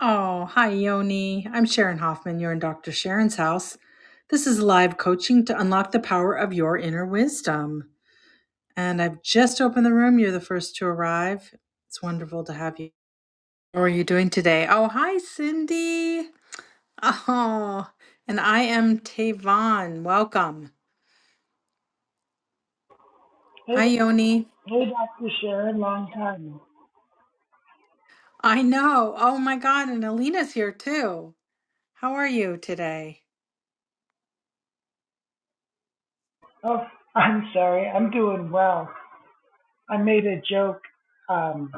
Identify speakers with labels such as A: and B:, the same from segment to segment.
A: Oh, hi, Yoni. I'm Sharon Hoffman. You're in Dr. Sharon's house. This is live coaching to unlock the power of your inner wisdom. And I've just opened the room. You're the first to arrive. It's wonderful to have you. How are you doing today? Oh, hi, Cindy. Oh, and I am Tavon. Welcome.
B: Hey,
A: Hi, Yoni.
B: hey, Dr. Sharon, long time.
A: I know. Oh, my God. And Alina's here too. How are you today?
B: Oh, I'm sorry. I'm doing well. I made a joke um,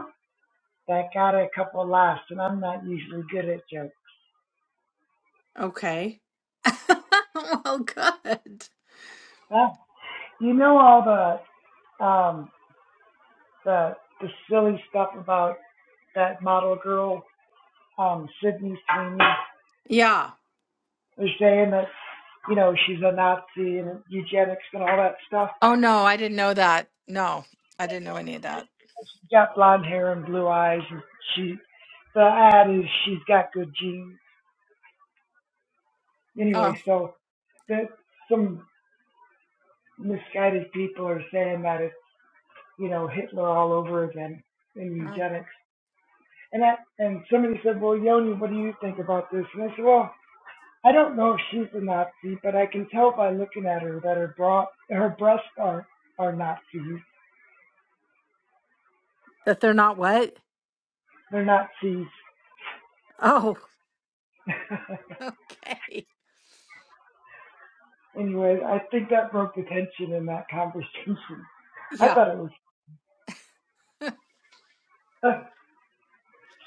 B: that got a couple laughs, and I'm not usually good at jokes.
A: Okay. well, good.
B: Uh, you know all the um, the the silly stuff about that model girl, um, Sydney Sweeney,
A: Yeah.
B: was saying that you know she's a Nazi and eugenics and all that stuff.
A: Oh no, I didn't know that. No, I didn't know any of that.
B: She's got blonde hair and blue eyes, and she the ad is she's got good genes. Anyway,
A: Oh,
B: so that some misguided people are saying that it's you know Hitler all over again in
A: oh.
B: eugenics. And I and somebody said, well, Yoni, what do you think about this? And I said, well, I don't know if she's a Nazi, but I can tell by looking at her that her bra her breasts are are Nazis.
A: that they're not what?
B: They're Nazis.
A: Oh, okay.
B: anyway, I think that broke the tension in that conversation. I
A: Yeah,
B: thought it was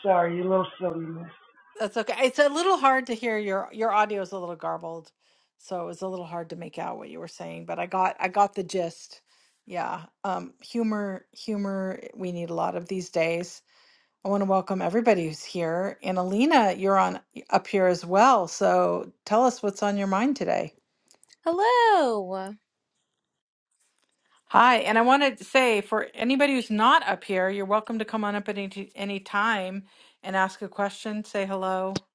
B: sorry, you little silliness.
A: that's okay. It's a little hard to hear your your audio is a little garbled, so it was a little hard to make out what you were saying, but I got I got the gist. Yeah. Um humor humor we need a lot of these days. I want to welcome everybody who's here. And Alina, you're on up here as well. So tell us what's on your mind today.
C: Hello.
A: Hi, and I wanted to say for anybody who's not up here, you're welcome to come on up at any, t- any time and ask a question, say hello.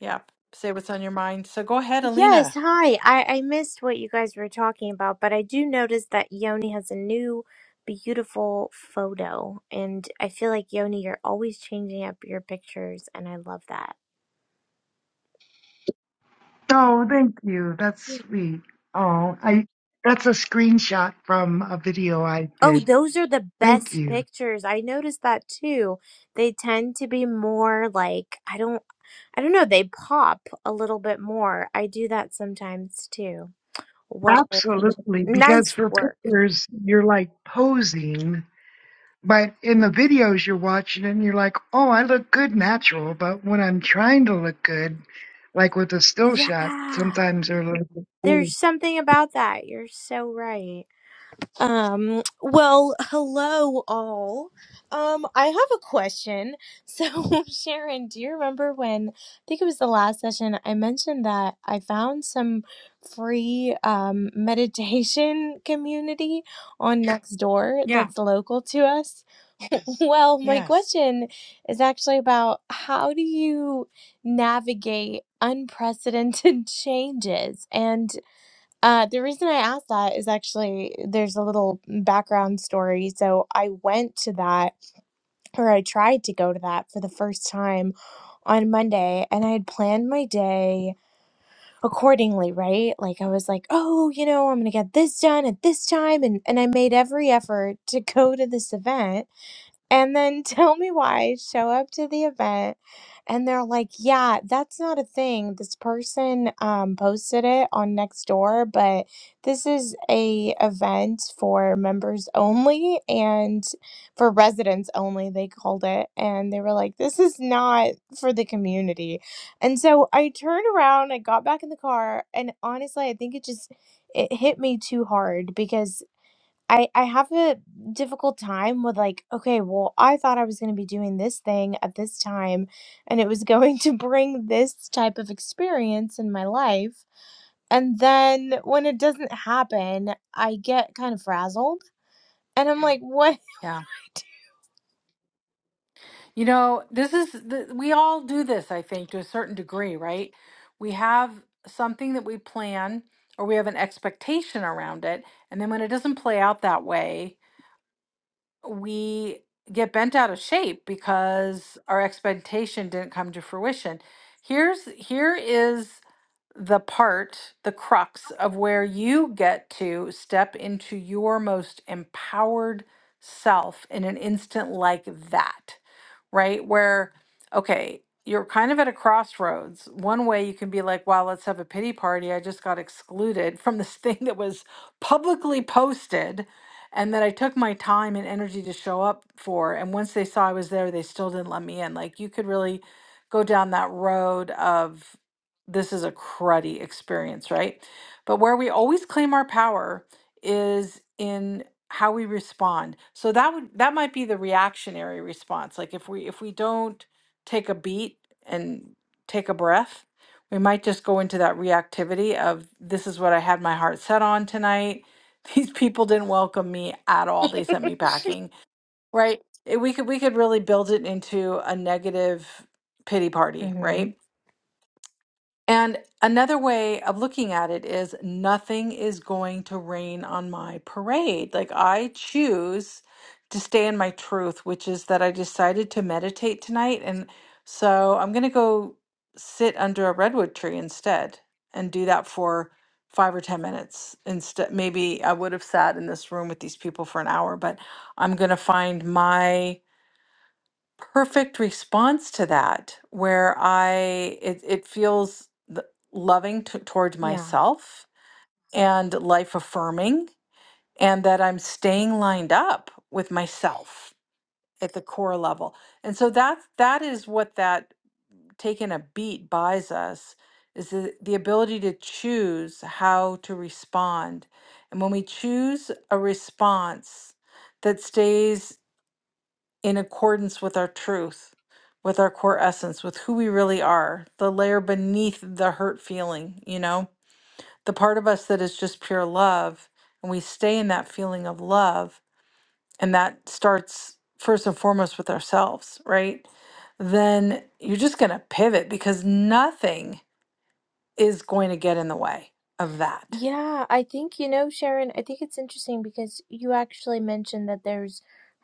A: Yeah, say what's on your mind. So go ahead,
C: Yes,
A: Alina.
C: hi. I, I missed what you guys were talking about, but I do notice that Yoni has a new beautiful photo, and I feel like Yoni, you're always changing up your pictures, and I love that.
B: Oh, thank you. That's sweet. Oh, I that's a screenshot from a video I
C: Oh,
B: did.
C: those are the
B: Thank
C: best
B: you.
C: pictures. I noticed that too. They tend to be more like I don't I don't know, they pop a little bit more. I do that sometimes too. Well,
B: Absolutely, because
C: nice
B: for
C: work.
B: pictures you're like posing, but in the videos you're watching and you're like, "Oh, I look good natural," but when I'm trying to look good, like with a still shot,
C: Yeah.
B: sometimes they're like,
C: There's
B: "Oh,
C: something about that. You're so right. Um, well, hello all. Um, I have a question. So, Sharon, do you remember when I think it was the last session I mentioned that I found some free um meditation community on Nextdoor
A: Yeah.
C: that's local to us? Well, my
A: Yes.
C: question is actually about how do you navigate unprecedented changes and uh, the reason I asked that is actually there's a little background story. So I went to that, or I tried to go to that for the first time on Monday, and I had planned my day accordingly, right? Like I was like, oh, you know, I'm gonna get this done at this time, and and I made every effort to go to this event and then tell me why I show up to the event and they're like, yeah, that's not a thing. This person um, posted it on Nextdoor, but this is a event for members only and for residents only, they called it. And they were like, this is not for the community. And so I turned around, I got back in the car, and honestly, I think it just it hit me too hard because I I have a difficult time with like, okay, well, I thought I was going to be doing this thing at this time and it was going to bring this type of experience in my life. And then when it doesn't happen, I get kind of frazzled and I'm like, what?
A: Yeah. You know, this is, the, we all do this, I think, to a certain degree, right? We have something that we plan or we have an expectation around it. And then when it doesn't play out that way, we get bent out of shape because our expectation didn't come to fruition. Here's here is the part, the crux of where you get to step into your most empowered self in an instant like that, right? Where, okay, you're kind of at a crossroads. One way you can be like, wow, let's have a pity party. I just got excluded from this thing that was publicly posted and that I took my time and energy to show up for. And once they saw I was there, they still didn't let me in. Like you could really go down that road of this is a cruddy experience, right? But where we always claim our power is in how we respond. So that would that might be the reactionary response. Like if we if we don't take a beat and take a breath, we might just go into that reactivity of this is what I had my heart set on tonight these people didn't welcome me at all. They sent me packing, right? It- We could we could really build it into a negative pity party, right?
C: Mhm.
A: And another way of looking at it is nothing is going to rain on my parade. Like I choose to stay in my truth, which is that I decided to meditate tonight. And so I'm going to go sit under a redwood tree instead and do that for five or 10 minutes. Instead, maybe I would have sat in this room with these people for an hour, but I'm going to find my perfect response to that where I it, it feels th- loving to, towards
C: Yeah.
A: myself and life affirming and that I'm staying lined up with myself at the core level. And so that that is what that taking a beat buys us is the, the ability to choose how to respond. And when we choose a response that stays in accordance with our truth, with our core essence, with who we really are, the layer beneath the hurt feeling, you know, the part of us that is just pure love. And we stay in that feeling of love. And that starts first and foremost with ourselves, right? Then you're just going to pivot because nothing is going to get in the way of that.
C: Yeah, I think, you know, Sharon, I think it's interesting because you actually mentioned that there's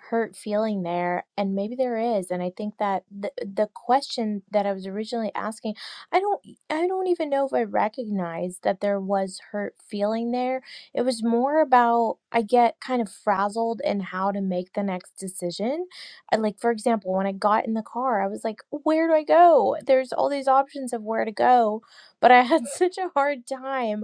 C: hurt feeling there, and maybe there is. And I think that the the question that I was originally asking, I don't I don't even know if I recognized that there was hurt feeling there. It was more about I get kind of frazzled in how to make the next decision. I- Like, for example, when I got in the car, I was like, where do I go? There's all these options of where to go, but I had such a hard time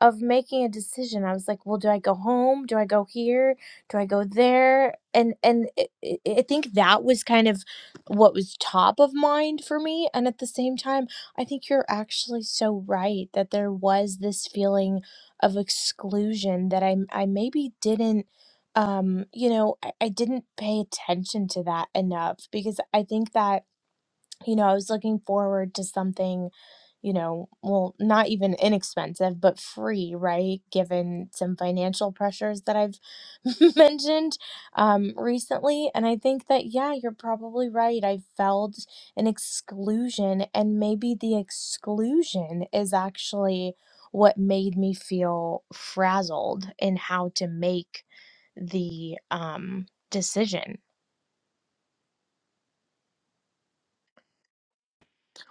C: of making a decision. I was like, well, do I go home? Do I go here? Do I go there? And and it, it, I think that was kind of what was top of mind for me. And at the same time, I think you're actually so right that there was this feeling of exclusion that I I maybe didn't um you know I, I didn't pay attention to that enough because I think that you know, I was looking forward to something, you know, well, not even inexpensive, but free, right? Given some financial pressures that I've mentioned um, recently. And I think that, yeah, you're probably right. I felt an exclusion, and maybe the exclusion is actually what made me feel frazzled in how to make the um, decision.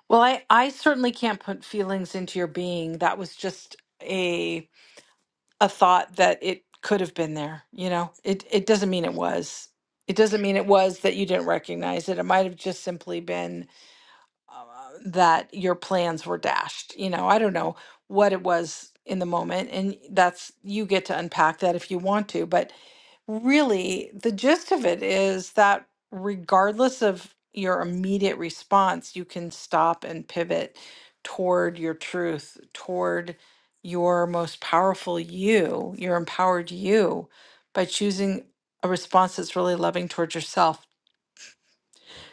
A: Well, I, I certainly can't put feelings into your being. That was just a. a thought that it could have been there you know it it doesn't mean it was it doesn't mean it was that you didn't recognize it it might have just simply been uh, that your plans were dashed. You know, I don't know what it was in the moment. And that's, you get to unpack that if you want to. But really, the gist of it is that regardless of your immediate response, you can stop and pivot toward your truth, toward your most powerful you, your empowered you, by choosing a response that's really loving towards yourself.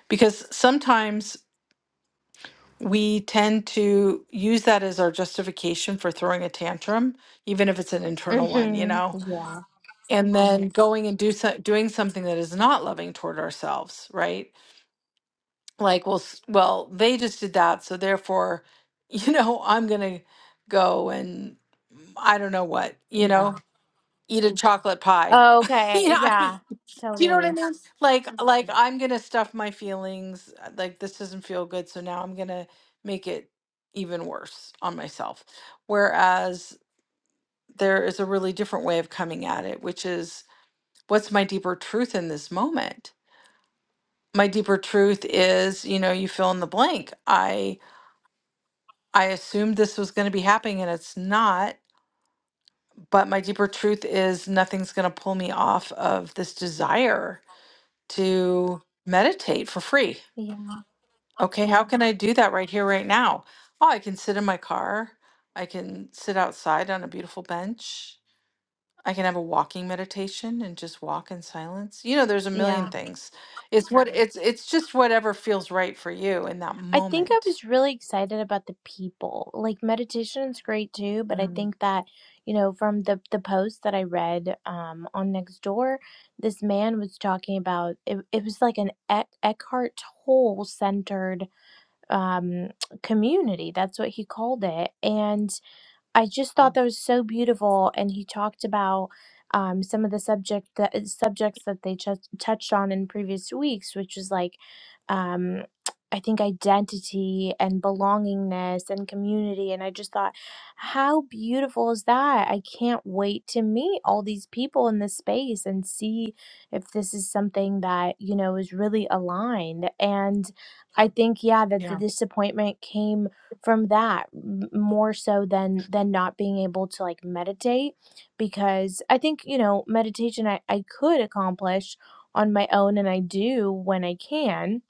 A: Because sometimes we tend to use that as our justification for throwing a tantrum, even if it's an internal one, you
C: hmm
A: know,
C: Yeah.
A: and then Mhm. going and do so, doing something that is not loving toward ourselves, right? Like, well, s- well, they just did that, so therefore, you know, I'm gonna go and I don't know what, you
C: Yeah.
A: know, eat a Mhm. chocolate pie.
C: Oh, Okay,
A: you know, I mean.
C: yeah, totally.
A: like like i'm gonna stuff my feelings uh, like this doesn't feel good so now i'm gonna make it even worse on myself whereas there is a really different way of coming at it which is what's my deeper truth in this moment my deeper truth is you know you fill in the blank i i assumed this was going to be happening and it's not but my deeper truth is nothing's going to pull me off of this desire to meditate for free
C: Yeah,
A: Okay, how can I do that right here, right now? Oh, I can sit in my car. I can sit outside on a beautiful bench. I can have a walking meditation and just walk in silence. You know, there's a million
C: yeah.
A: things. It's what Right. it's it's just whatever feels right for you in that
C: I think I
A: moment.
C: was really excited about the people. Like meditation's great too, but I think that, you know, from the the post that I read um on Nextdoor, this man was talking about it, it was like an Eck, Eckhart Tolle centered um community. That's what he called it. and. I just
A: Uh,
C: thought that was so beautiful, and he talked about um, some of the subject that uh, subjects that they ch- touched on in previous weeks, which was like, um, I think identity and belongingness and community, and I just thought, how beautiful is that? I can't wait to meet all these people in this space and see if this is something that you know is really aligned. And I think, yeah, that the
A: Yeah.
C: disappointment came from that m- more so than than not being able to like meditate because i think you know meditation i, I could accomplish on my own and i do when i can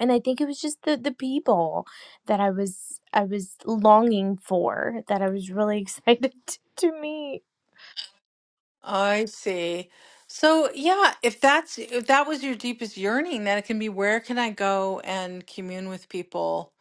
C: and i think it was just the the people that i was i was longing for that i was really excited to, to meet
A: I see. So, yeah, if that's if that was your deepest yearning, then it can be where can I go and commune with people?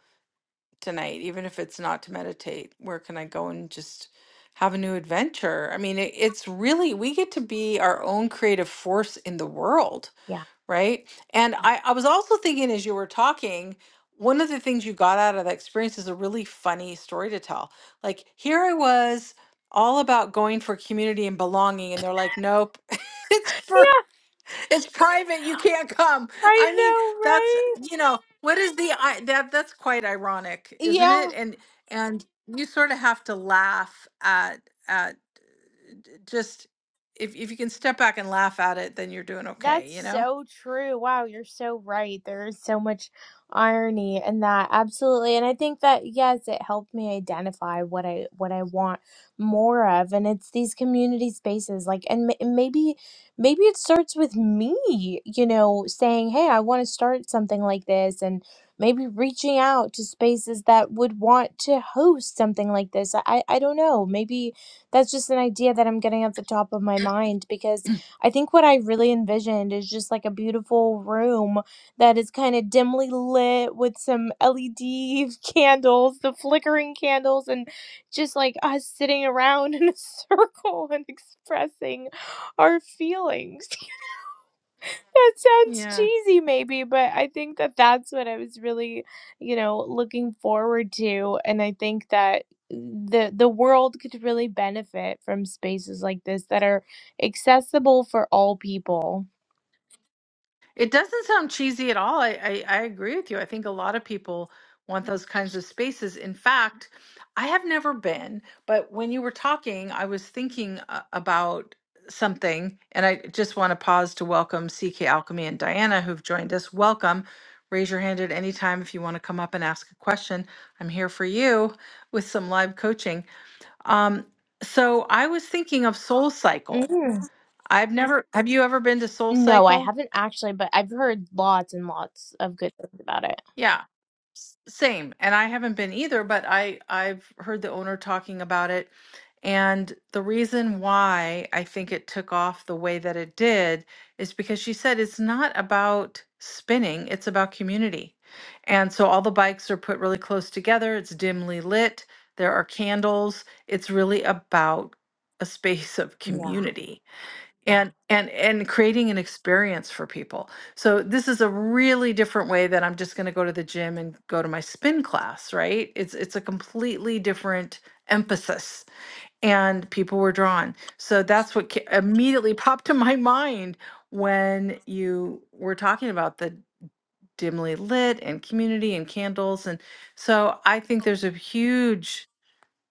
A: tonight, even if it's not to meditate? Where can I go and just have a new adventure? I mean, it, it's really, we get to be our own creative force in the world,
C: yeah
A: right? And I, I was also thinking as you were talking, one of the things you got out of that experience is a really funny story to tell. Like, here I was all about going for community and belonging, and they're like, nope, it's for
C: yeah
A: it's private. You can't come.
C: i
A: I mean,
C: know
A: that's
C: right
A: you know what is the I that that's quite ironic, isn't
C: Yeah.
A: it? And and you sort of have to laugh at at just if if you can step back and laugh at it, then you're doing okay.
C: That's
A: You know?
C: so true. Wow, you're so right. There is so much irony in that. Absolutely. And I think that yes, it helped me identify what I what I want more of and it's these community spaces like and m- maybe maybe it starts with me, you know, saying, "Hey, I want to start something like this." And maybe reaching out to spaces that would want to host something like this. I I don't know. Maybe that's just an idea that I'm getting at the top of my mind because I think what I really envisioned is just like a beautiful room that is kind of dimly lit with some LED candles, the flickering candles, and just like us sitting around in a circle and expressing our feelings. that sounds
A: Yeah.
C: cheesy, maybe, but I think that that's what I was really, you know, looking forward to. And I think that the the world could really benefit from spaces like this that are accessible for all people
A: It doesn't sound cheesy at all. I, I, I agree with you. I think a lot of people want those kinds of spaces. In fact, I have never been, but when you were talking, I was thinking uh, about something, and I just want to pause to welcome CK Alchemy and Diana who've joined us. Welcome. Raise your hand at any time if you want to come up and ask a question. I'm here for you with some live coaching. Um, so I was thinking of Soul Cycle.
C: Mm.
A: I've never, have you ever been to Soul
C: No, I
A: Cycle?
C: haven't actually, but I've heard lots and lots of good things about it.
A: Yeah. Same, and I haven't been either, but I I've heard the owner talking about it. And the reason why I think it took off the way that it did is because she said it's not about spinning, it's about community. And so all the bikes are put really close together, it's dimly lit, there are candles. It's really about a space of
C: Yeah.
A: community and and and creating an experience for people so this is a really different way that i'm just going to go to the gym and go to my spin class right it's it's a completely different emphasis and people were drawn so that's what ca- immediately popped to my mind when you were talking about the dimly lit and community and candles and so i think there's a huge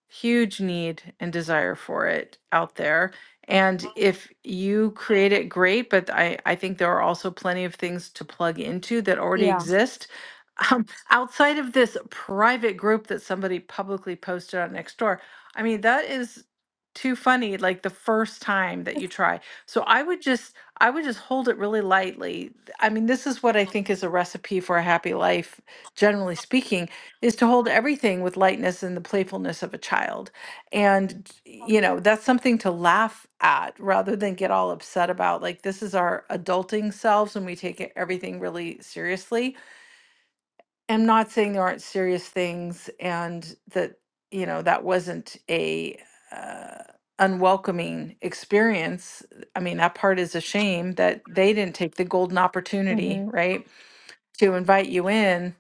A: huge need and desire for it out there. And if you create it, great. But I, I think there are also plenty of things to plug into that already
C: Yeah.
A: exist um, outside of this private group that somebody publicly posted on Nextdoor. I mean, that is too funny like the first time that you try so i would just i would just hold it really lightly i mean this is what i think is a recipe for a happy life generally speaking is to hold everything with lightness and the playfulness of a child. And, you know, that's something to laugh at rather than get all upset about. Like, this is our adulting selves and we take it- everything really seriously. I'm not saying there aren't serious things and that, you know, that wasn't a, uh, unwelcoming experience. I mean, that part is a shame that they didn't take the golden opportunity,
C: Mm-hmm.
A: right? To invite you in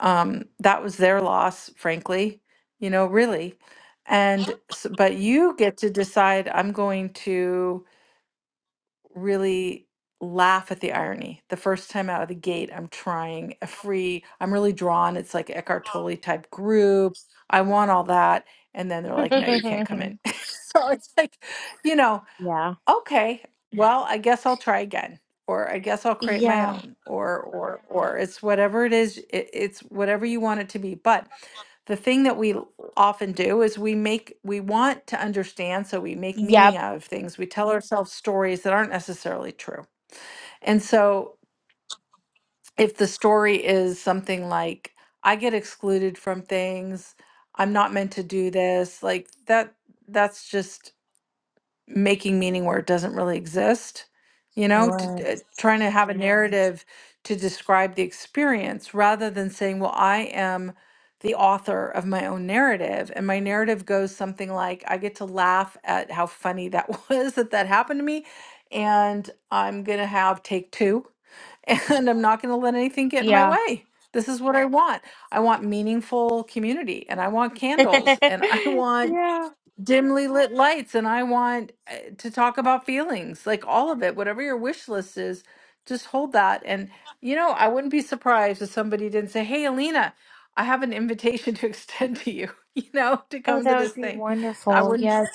A: um, that was their loss, frankly, you know, really. And s- but you get to decide, I'm going to really laugh at the irony. The first time out of the gate, I'm trying a free, I'm really drawn. It's like Eckhart Tolle type groups. I want all that. And then they're like, no, you can't come in. so it's like, you know,
C: yeah.
A: Okay, well, I guess I'll try again, or I guess I'll create my
C: Yeah.
A: own, or or or it's whatever it is, it, it's whatever you want it to be. But the thing that we l- often do is we make we want to understand, so we make meaning
C: Yep.
A: out of things. We tell ourselves stories that aren't necessarily true. And so if the story is something like, I get excluded from things, I'm not meant to do this, like that that's just making meaning where it doesn't really exist you know
C: Sure.
A: to, uh, trying to have a Mhm. narrative to describe the experience rather than saying well i am the author of my own narrative and my narrative goes something like i get to laugh at how funny that was that that happened to me and i'm going to have take two and i'm not going to let anything get in my
C: Yeah.
A: way this is what i want i want meaningful community and i want candles and i want
C: yeah.
A: dimly lit lights and I want uh, to talk about feelings, like all of it, whatever your wish list is, just hold that. And, you know, I wouldn't be surprised if somebody didn't say, Hey, Alina, I have an invitation to extend to you, you know, to
C: Oh,
A: come to
C: that would
A: this
C: be
A: thing. I
C: wonderful.
A: wouldn't,
C: Yes.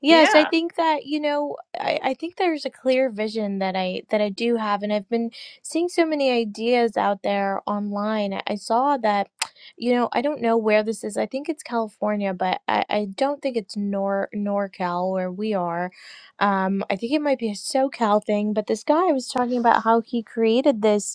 C: Yes, I
A: yeah.
C: think that, you know, I, I think there's a clear vision that I that I do have and I've been seeing so many ideas out there online. I I saw that, you know, I don't know where this is. I think it's California, but I, I don't think it's Nor NorCal where we are. Um, I think it might be a SoCal thing, but this guy was talking about how he created this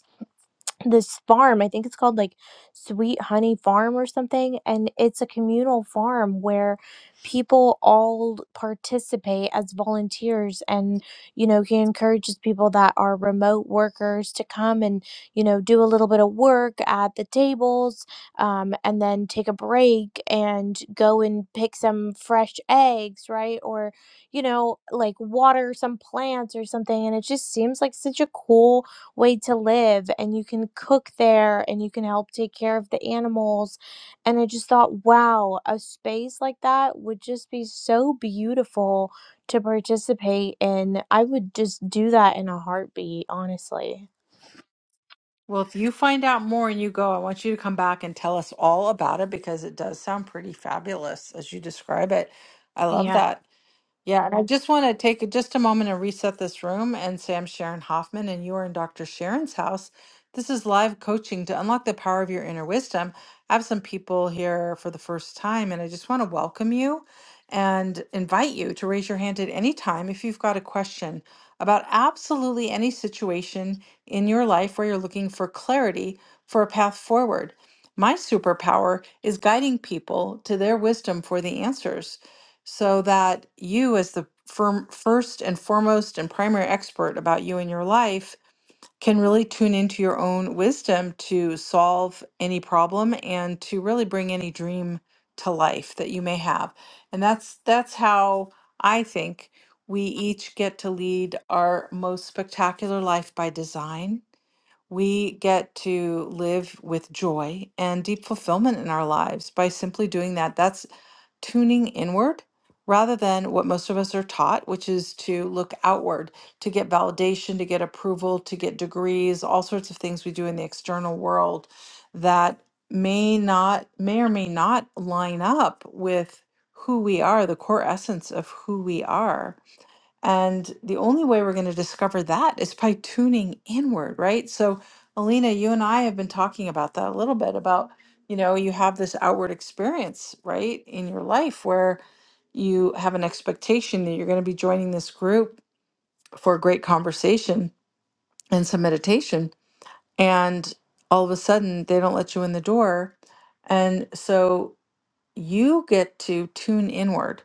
C: this farm. I think it's called like Sweet Honey Farm or something. And it's a communal farm where people all participate as volunteers. And, you know, he encourages people that are remote workers to come and, you know, do a little bit of work at the tables um, and then take a break and go and pick some fresh eggs, right? Or, you know, like water some plants or something. And it just seems like such a cool way to live and you can cook there and you can help take care of the animals and i just thought wow a space like that would just be so beautiful to participate in i would just do that in a heartbeat honestly
A: Well, if you find out more and you go, I want you to come back and tell us all about it because it does sound pretty fabulous as you describe it. I love
C: yeah
A: that. Yeah, and I just want to take just a moment and reset this room and say I'm Sharon Hoffman and you are in Dr. Sharon's house. This is live coaching to unlock the power of your inner wisdom. I have some people here for the first time and I just want to welcome you and invite you to raise your hand at any time if you've got a question about absolutely any situation in your life where you're looking for clarity for a path forward. My superpower is guiding people to their wisdom for the answers so that you, as the firm, first and foremost and primary expert about you and your life, can really tune into your own wisdom to solve any problem and to really bring any dream to life that you may have. And that's that's how I think we each get to lead our most spectacular life by design we get to live with joy and deep fulfillment in our lives by simply doing that. That's tuning inward rather than what most of us are taught, which is to look outward, to get validation, to get approval, to get degrees, all sorts of things we do in the external world that may not, may or may not line up with who we are, the core essence of who we are. And the only way we're going to discover that is by tuning inward, right? So, Alina, you and I have been talking about that a little bit about, you know, you have this outward experience, right, in your life where you have an expectation that you're going to be joining this group for a great conversation and some meditation. And all of a sudden, they don't let you in the door. And so you get to tune inward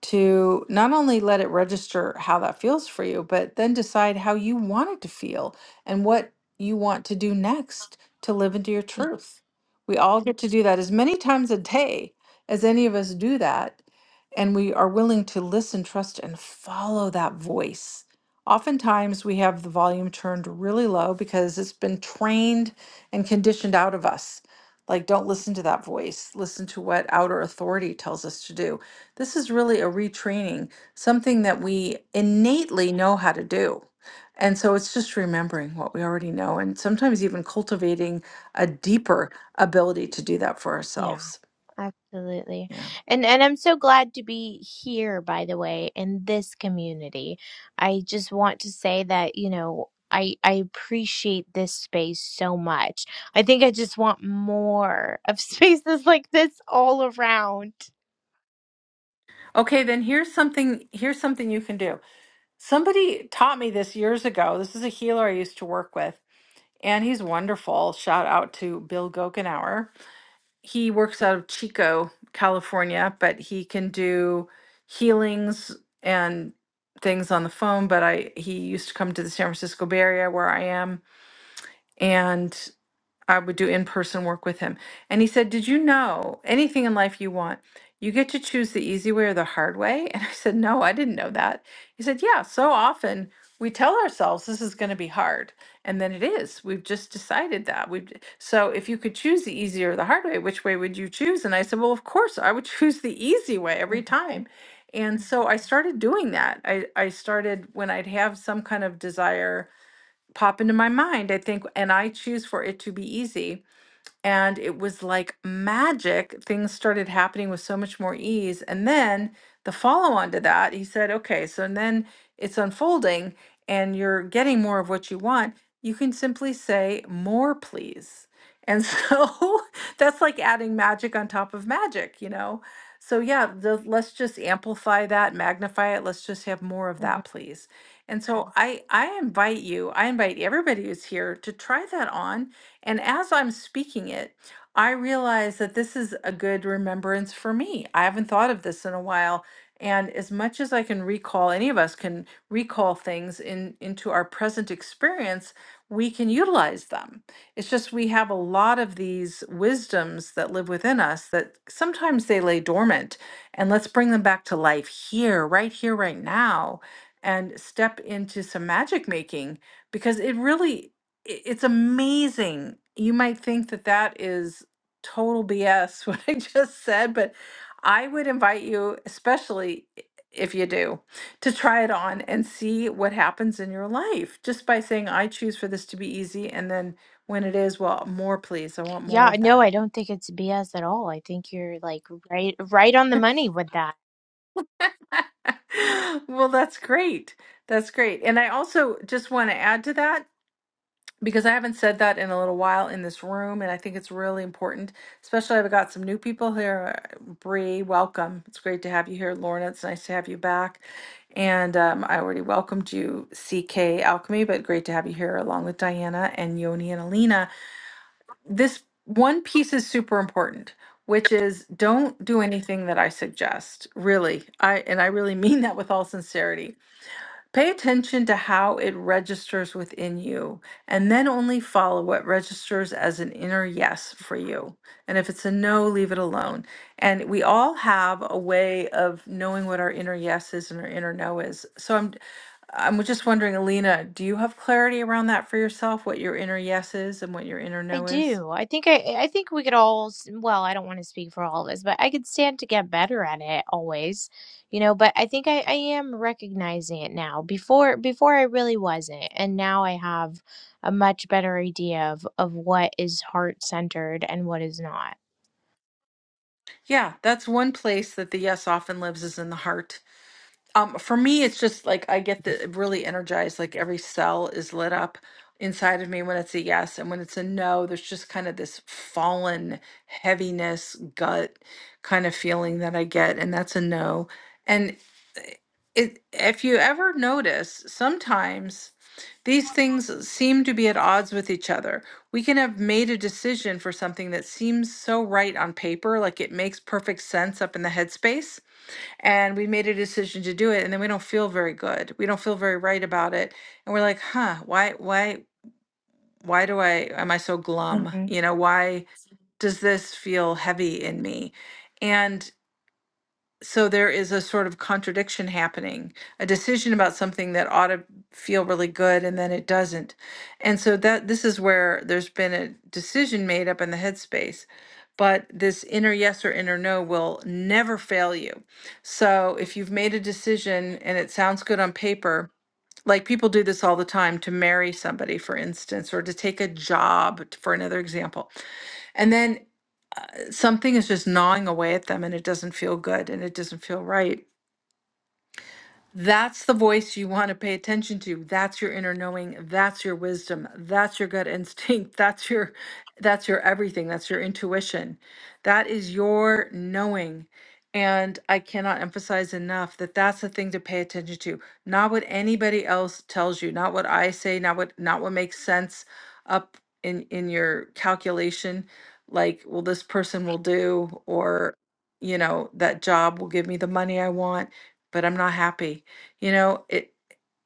A: to not only let it register how that feels for you, but then decide how you want it to feel and what you want to do next to live into your truth. We all get to do that as many times a day as any of us do that. And we are willing to listen, trust, and follow that voice. Oftentimes, we have the volume turned really low because it's been trained and conditioned out of us. Like, don't listen to that voice. Listen to what outer authority tells us to do this is really a retraining, something that we innately know how to do. And so it's just remembering what we already know and sometimes even cultivating a deeper ability to do that for
C: yeah
A: ourselves.
C: Absolutely.
A: Yeah.
C: And and I'm so glad to be here by the way in this community. I just want to say that, you know, I I appreciate this space so much. I think I just want more of spaces like this all around.
A: Okay, then here's something here's something you can do. Somebody taught me this years ago. This is a healer I used to work with, and he's wonderful. Shout out to Bill Gokenauer he works out of Chico, California, but he can do healings and things on the phone. But I he used to come to the San Francisco Bay Area where I am, and I would do in person work with him. And he said, Did you know anything in life you want? You get to choose the easy way or the hard way? And I said, No, I didn't know that. He said, Yeah, so often we tell ourselves this is going to be hard. And then it is. We've just decided that. We've d- so if you could choose the easy or the hard way, which way would you choose? And I said, Well, of course, I would choose the easy way every
C: Mhm,
A: time. And so I started doing that. I, I started when I'd have some kind of desire pop into my mind, I think, and I choose for it to be easy and it was like magic. Things started happening with so much more ease. And then the follow on to that, he said, okay, so and then it's unfolding and you're getting more of what you want. You can simply say, more, please. And so that's like adding magic on top of magic, you know? So, yeah, the, let's just amplify that, magnify it. Let's just have more of
C: mhm.
A: that, please. And so, Okay. I, I invite you, I invite everybody who's here to try that on and as I'm speaking it, I realize that this is a good remembrance for me. I haven't thought of this in a while. And as much as I can recall, any of us can recall things in, into our present experience, we can utilize them. It's just we have a lot of these wisdoms that live within us that sometimes they lay dormant. And let's bring them back to life here, right here, right now, and step into some magic making because it really i- it's amazing. You might think that that is total BS what I just said, but I would invite you, especially i- if you do, to try it on and see what happens in your life just by saying, I choose for this to be easy. And then when it is, well, more, please. I want more
C: Yeah,
A: of
C: no,
A: that.
C: I don't think it's BS at all. I think you're like right right on the money with that.
A: well, that's great. That's great. And I also just want to add to that because I haven't said that in a little while in this room, and I think it's really important. Especially, I've got some new people here. Bree, welcome. It's great to have you here, Lorna. It's nice to have you back. And um, I already welcomed you, CK Alchemy, but great to have you here along with Diana and Yoni and Alina. This one piece is super important, which is don't do anything that I suggest. Really, I and I really mean that with all sincerity Pay attention to how it registers within you, and then only follow what registers as an inner yes for you. And if it's a no, leave it alone. And we all have a way of knowing what our inner yes is and our inner no is. So I'm I'm just wondering, Alina, do you have clarity around that for yourself, what your inner yes is and what your inner
C: I
A: no is?
C: do. I think I I think we could all, s- well, I don't want to speak for all of us, but I could stand to get better at it always, you know, but I think I I am recognizing it now. Before before I really wasn't, and now I have a much better idea of of what is heart-centered and what is not.
A: Yeah, that's one place that the yes often lives is in the heart. Um, for me, it's just like I get the really energized, like every cell is lit up inside of me when it's a yes. And when it's a no, there's just kind of this fallen heaviness, gut kind of feeling that I get, and that's a no. And eh, it, if you ever notice, sometimes these things seem to be at odds with each other. We can have made a decision for something that seems so right on paper, like it makes perfect sense up in the headspace and we made a decision to do it and then we don't feel very good we don't feel very right about it and we're like huh why why why do i am i so glum
C: hmm
A: you know why does this feel heavy in me and so there is a sort of contradiction happening a decision about something that ought to feel really good and then it doesn't and so that this is where there's been a decision made up in the headspace but this inner yes or inner no will never fail you so if you've made a decision and it sounds good on paper like people do this all the time to marry somebody for instance or to take a job t- for another example and then uh, something is just gnawing away at them and it doesn't feel good and it doesn't feel right that's the voice you want to pay attention to. That's your inner knowing. That's your wisdom. That's your gut instinct. That's your that's your everything. That's your intuition. That is your knowing. And I cannot emphasize enough that that's the thing to pay attention to. Not what anybody else tells you, not what I say, not what not what makes sense up in in your calculation like well this person will do or you know that job will give me the money I want but I'm not happy you know, it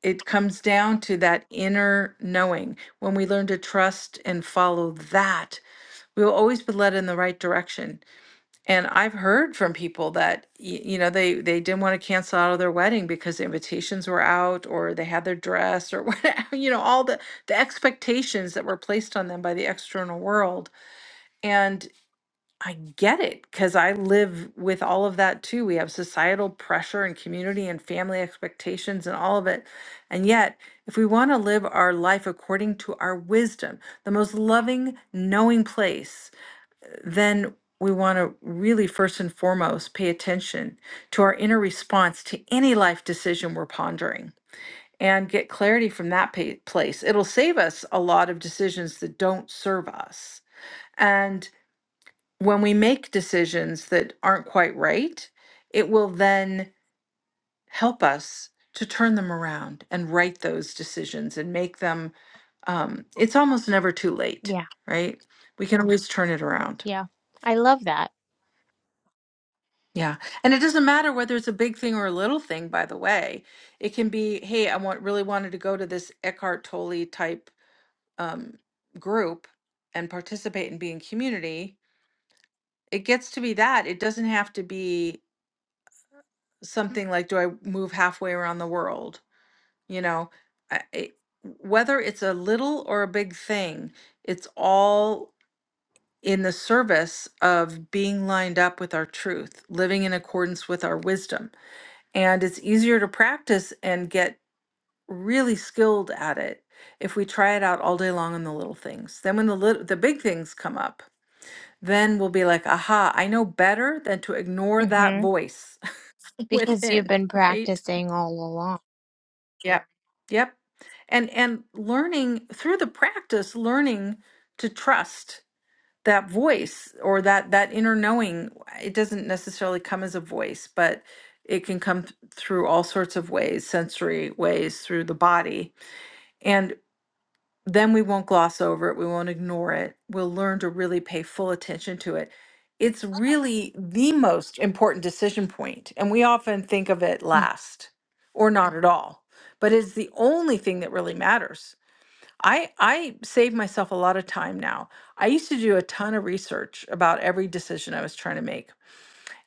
A: it comes down to that inner knowing. When we learn to trust and follow that, we will always be led in the right direction. And I've heard from people that y- you know they they didn't want to cancel out of their wedding because the invitations were out, or they had their dress, or whatever. You know, all the the expectations that were placed on them by the external world. And I get it because I live with all of that too. We have societal pressure and community and family expectations and all of it. And yet, if we want to live our life according to our wisdom, the most loving, knowing place, then we want to really first and foremost pay attention to our inner response to any life decision we're pondering and get clarity from that pa- place. It'll save us a lot of decisions that don't serve us. and when we make decisions that aren't quite right, it will then help us to turn them around and right those decisions and make them. Um, it's almost never too late,
C: Yeah.
A: right? We can always turn it around.
C: Yeah. I love that.
A: Yeah. And it doesn't matter whether it's a big thing or a little thing, by the way. It can be, hey, I want really wanted to go to this Eckhart Tolle type um, group and participate and be in community. It gets to be that. It doesn't have to be something like do i move halfway around the world you know I, I- whether it's a little or a big thing it's all in the service of being lined up with our truth living in accordance with our wisdom and it's easier to practice and get really skilled at it if we try it out all day long on the little things then when the little, the big things come up then we'll be like aha i know better than to ignore that
C: hmm
A: voice
C: Because you've
A: within
C: been
A: right
C: practicing all along.
A: Yep. Yep. And and learning through the practice, learning to trust that voice or that that inner knowing. It doesn't necessarily come as a voice, but it can come th- through all sorts of ways, sensory ways, through the body. And then we won't gloss over it. We won't ignore it. We'll learn to really pay full attention to it. It's really the most important decision point, and we often think of it last or not at all, but it's the only thing that really matters. I, I save myself a lot of time now. I used to do a ton of research about every decision I was trying to make.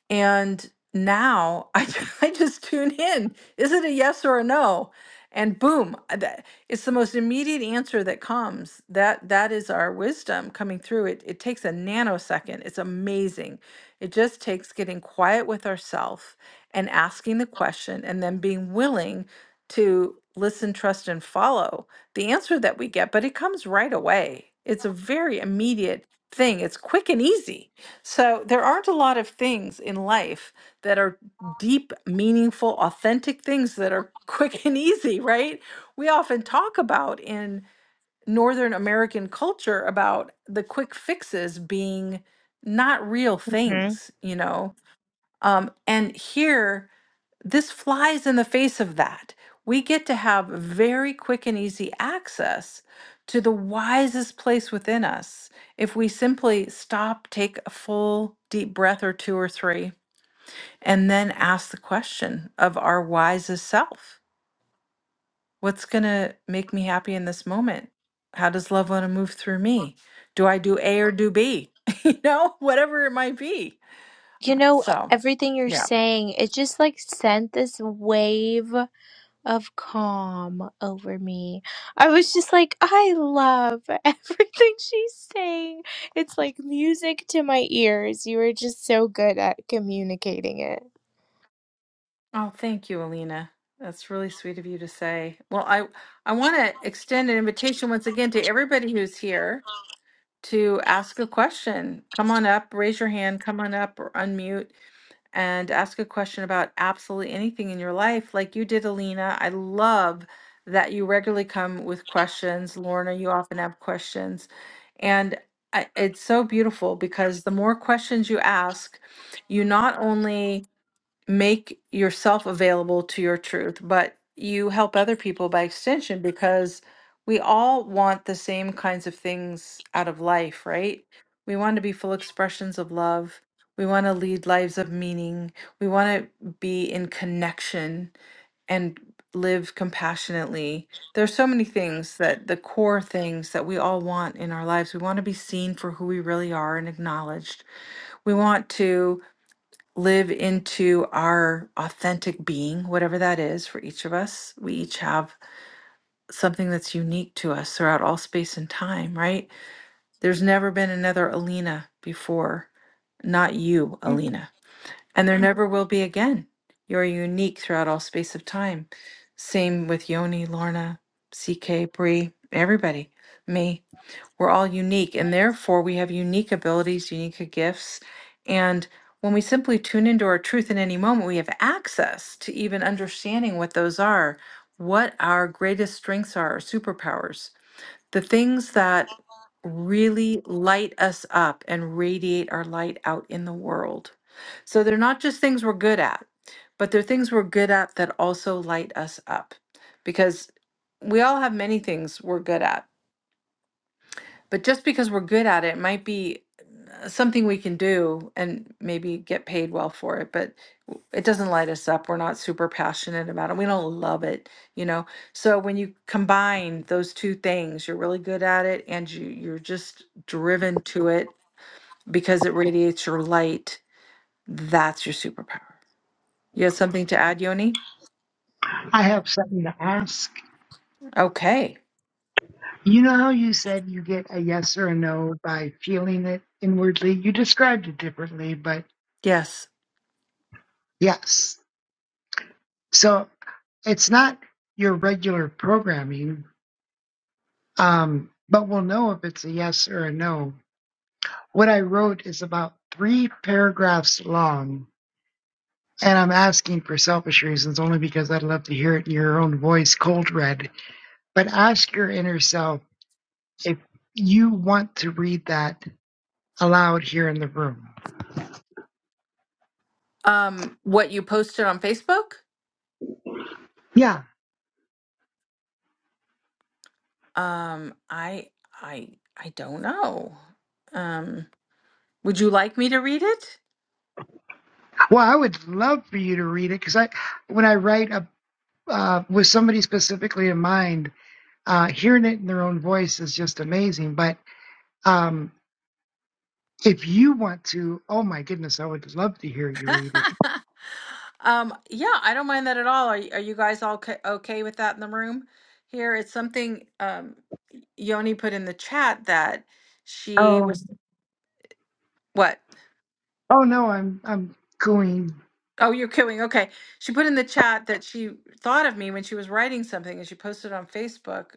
A: And now I, ju- I just tune in. Is it a yes or a no? And boom, I- that- it's the most immediate answer that comes. That that is our wisdom coming through. It it takes a nanosecond. It's amazing. It just takes getting quiet with ourself and asking the question and then being willing to listen, trust, and follow the answer that we get, but it comes right away. It's a very immediate thing. It's quick and easy so there aren't a lot of things in life that are deep, meaningful, authentic things that are quick and easy, right? We often talk about in Northern American culture about the quick fixes being not real
C: hmm
A: things, you know. Um, and here this flies in the face of that. We get to have very quick and easy access to the wisest place within us if we simply stop, take a full deep breath or two or three, and then ask the question of our wisest self What's going to make me happy in this moment? How does love want to move through me? Do I do A or do B? you know, whatever it might be.
C: You know,
A: So,
C: everything you're saying, it just like sent this wave of calm over me. I was just like, I love everything she's saying. It's like music to my ears. You were just so good at communicating it.
A: Oh, thank you, Alina. That's really sweet of you to say. Well, I I want to extend an invitation once again to everybody who's here to ask a question. Come on up, raise your hand, come on up or unmute and ask a question about absolutely anything in your life like you did, Alina. I love that you regularly come with questions. Lorna, you often have questions. And I, it's so beautiful because the more questions you ask, you not only make yourself available to your truth, but you help other people by extension because we all want the same kinds of things out of life, right? We want to be full expressions of love. We want to lead lives of meaning. We want to be in connection and live compassionately. There's so many things that the core things that we all want in our lives. We want to be seen for who we really are and acknowledged. We want to live into our authentic being, whatever that is for each of us. We each have something that's unique to us throughout all space and time, right? There's never been another Alina before, not you,
C: Mhm.
A: Alina. And there Mhm. never will be again. You're unique throughout all space of time. Same with Yoni, Lorna, CK, Bree, everybody, me. We're all unique, and therefore we have unique abilities, unique gifts. And when we simply tune into our truth in any moment, we have access to even understanding what those are, what our greatest strengths are, our superpowers, the things that really light us up and radiate our light out in the world. So they're not just things we're good at, but they're things we're good at that also light us up because we all have many things we're good at but just because we're good at it might be uh, something we can do and maybe get paid well for it, but it doesn't light us up. We're not super passionate about it. We don't love it, you know. So when you combine those two things, you're really good at it and you you're just driven to it because it radiates your light. That's your superpower. You have something to add, Yoni?
B: I have something to ask."
A: Okay.
B: You know how you said you get a yes or a no by feeling it inwardly? You described it differently, but
A: Yes.
B: Yes. So it's not your regular programming, um, but we'll know if it's a yes or a no. What I wrote is about three paragraphs long, and I'm asking for selfish reasons only because I'd love to hear it in your own voice, cold read. But ask your inner self if you want to read that aloud here in the room.
A: Um, what you posted on Facebook?
B: Yeah.
A: Um, I I I don't know. Um, would you like me to read it?
B: Well, I would love for you to read it because I, when I write a, uh, with somebody specifically in mind, Uh, hearing it in their own voice is just amazing. But um, if you want to, oh my goodness, I would love to hear you read it.
A: Um, yeah, I don't mind that at all. Are y- are you guys all ca- okay with that in the room? Here, it's something um Yoni put in the chat that she
B: Oh,
A: was what?
B: oh no, I'm I'm going.
A: Oh, you're kidding. Okay. She put in the chat that she thought of me when she was writing something and she posted it on Facebook.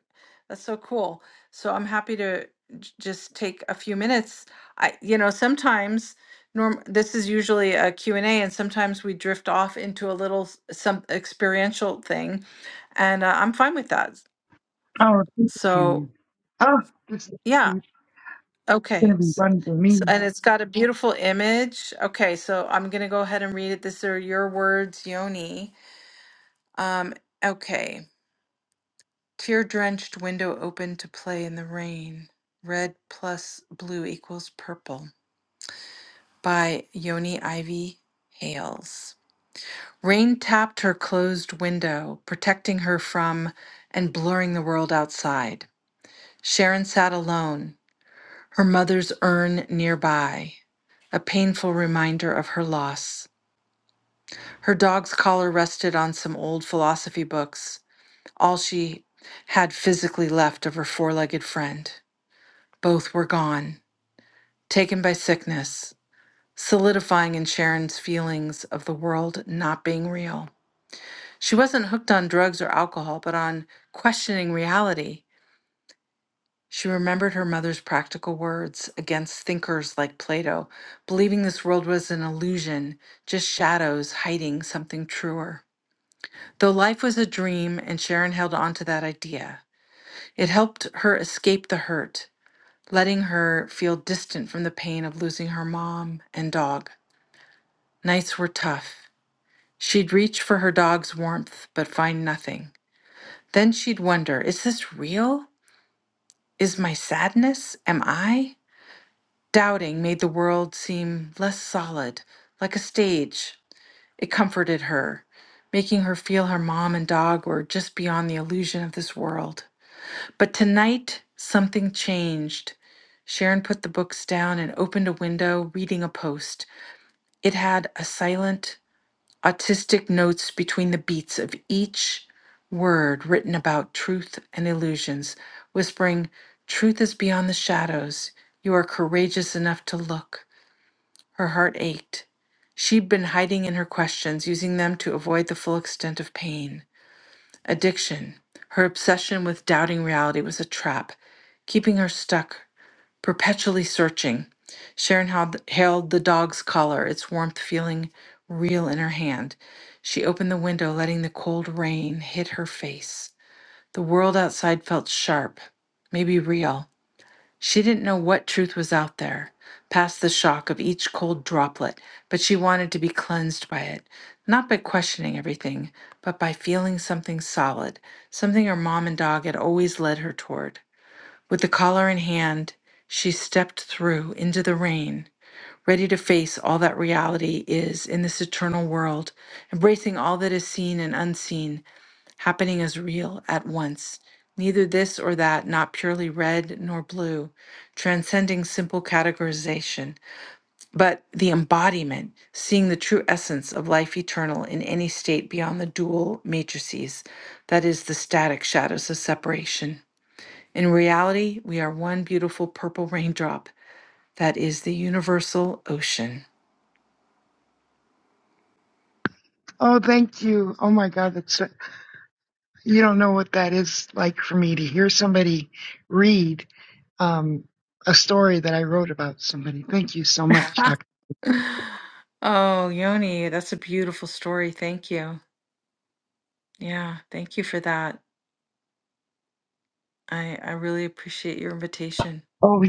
A: That's so cool. So I'm happy to j- just take a few minutes. I, you know, sometimes norm this is usually a Q and a and sometimes we drift off into a little s- some experiential thing and uh, I'm fine with that.
B: Oh,
A: So,
B: dude. oh, this is
A: yeah. Okay.
B: gonna be
A: S-
B: fun for me.
A: So, and it's got a beautiful image. Okay, so I'm going to go ahead and read it. These are your words, Yoni. Um, okay. Tear drenched window open to play in the rain. Red plus blue equals purple by Yoni Ivy Hales. Rain tapped her closed window, protecting her from and blurring the world outside. Sharon sat alone, her mother's urn nearby, a painful reminder of her loss. Her dog's collar rested on some old philosophy books all she had physically left of her four legged friend. Both were gone, taken by sickness, solidifying in Sharon's feelings of the world not being real. She wasn't hooked on drugs or alcohol, but on questioning reality. She remembered her mother's practical words against thinkers like Plato, believing this world was an illusion, just shadows hiding something truer. Though life was a dream, and Sharon held on to that idea, it helped her escape the hurt letting her feel distant from the pain of losing her mom and dog. Nights were tough. She'd reach for her dog's warmth, but find nothing. Then she'd wonder is this real? Is my sadness? Am I? Doubting made the world seem less solid, like a stage. It comforted her, making her feel her mom and dog were just beyond the illusion of this world. But tonight, something changed. Sharon put the books down and opened a window, reading a post. It had a silent, autistic notes between the beats of each word written about truth and illusions, whispering, Truth is beyond the shadows. You are courageous enough to look. Her heart ached. She'd been hiding in her questions, using them to avoid the full extent of pain. Addiction. Her obsession with doubting reality was a trap, keeping her stuck perpetually searching. Sharon held, held the dog's collar, its warmth feeling real in her hand. She opened the window, letting the cold rain hit her face. The world outside felt sharp, maybe real. She didn't know what truth was out there, past the shock of each cold droplet, but she wanted to be cleansed by it, not by questioning everything, but by feeling something solid, something her mom and dog had always led her toward. With the collar in hand, she stepped through into the rain, ready to face all that reality is in this eternal world, embracing all that is seen and unseen, happening as real at once. Neither this or that, not purely red nor blue, transcending simple categorization, but the embodiment, seeing the true essence of life eternal in any state beyond the dual matrices, that is, the static shadows of separation. In reality, we are one beautiful purple raindrop that is the universal ocean.
B: Oh, thank you. Oh my God, that's you don't know what that is like for me to hear somebody read um a, somebody. Thank,
A: Oh, Yoni, that's a beautiful story. Thank you. Yeah, thank you for that. I I really appreciate your invitation.
B: oh,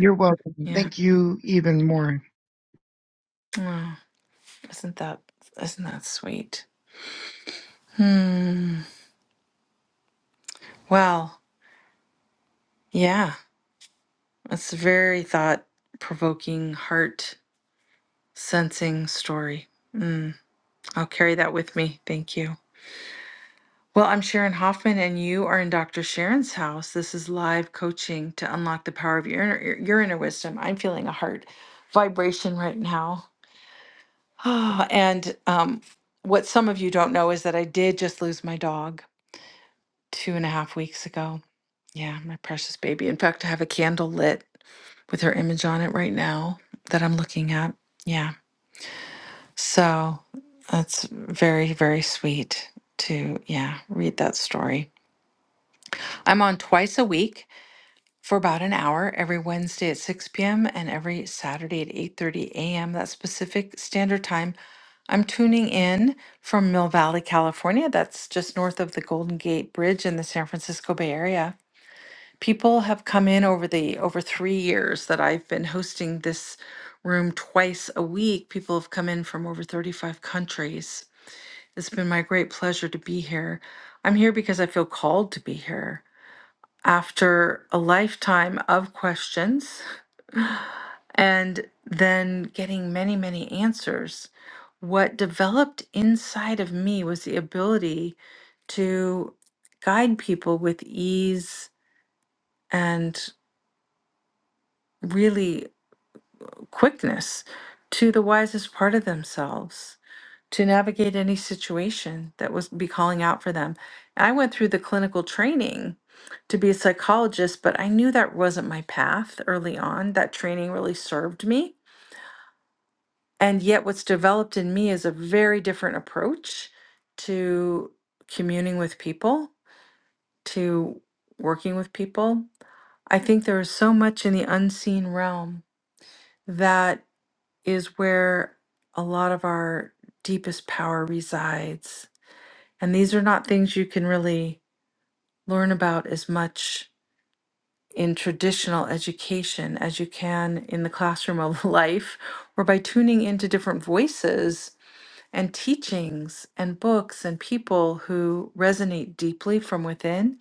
B: thank
A: Yeah.
B: you.
A: Oh, isn't that isn't that sweet? Hmm. Well, yeah, it's a very thought provoking, heart sensing story. Mm, I'll carry that with me. Thank you. Well, I'm Sharon Hoffman, and you are in Dr. Sharon's house. This is live coaching to unlock the power of your inner, your your inner wisdom. I'm feeling a heart vibration right now. and um, what some of you don't know is that I did just lose my dog two and a half weeks ago. Yeah, my precious baby. In fact, I have a candle lit with her image on it right now that I'm looking at. Yeah. So that's very, very sweet to, yeah, read that story. I'm on twice a week for about an hour every Wednesday at 6 p.m. and every Saturday at 8:30 a.m. That's Pacific Standard Time. I'm tuning in from Mill Valley, California. That's just north of the Golden Gate Bridge in the San Francisco Bay Area. People have come in over the over 3 years that I've been hosting this room twice a week. People have come in from over 35 countries. It's been my great pleasure to be here. I'm here because I feel called to be here after a lifetime of questions and then getting many, many answers. What developed inside of me was the ability to guide people with ease and really quickness to the wisest part of themselves to navigate any situation that was be calling out for them. And I went through the clinical training to be a psychologist, but I knew that wasn't my path early on. That training really served me And yet, what's developed in me is a very different approach to communing with people, to working with people. I think there is so much in the unseen realm that is where a lot of our deepest power resides. And these are not things you can really learn about as much in traditional education as you can in the classroom of life or by tuning into different voices and teachings and books and people who resonate deeply from within.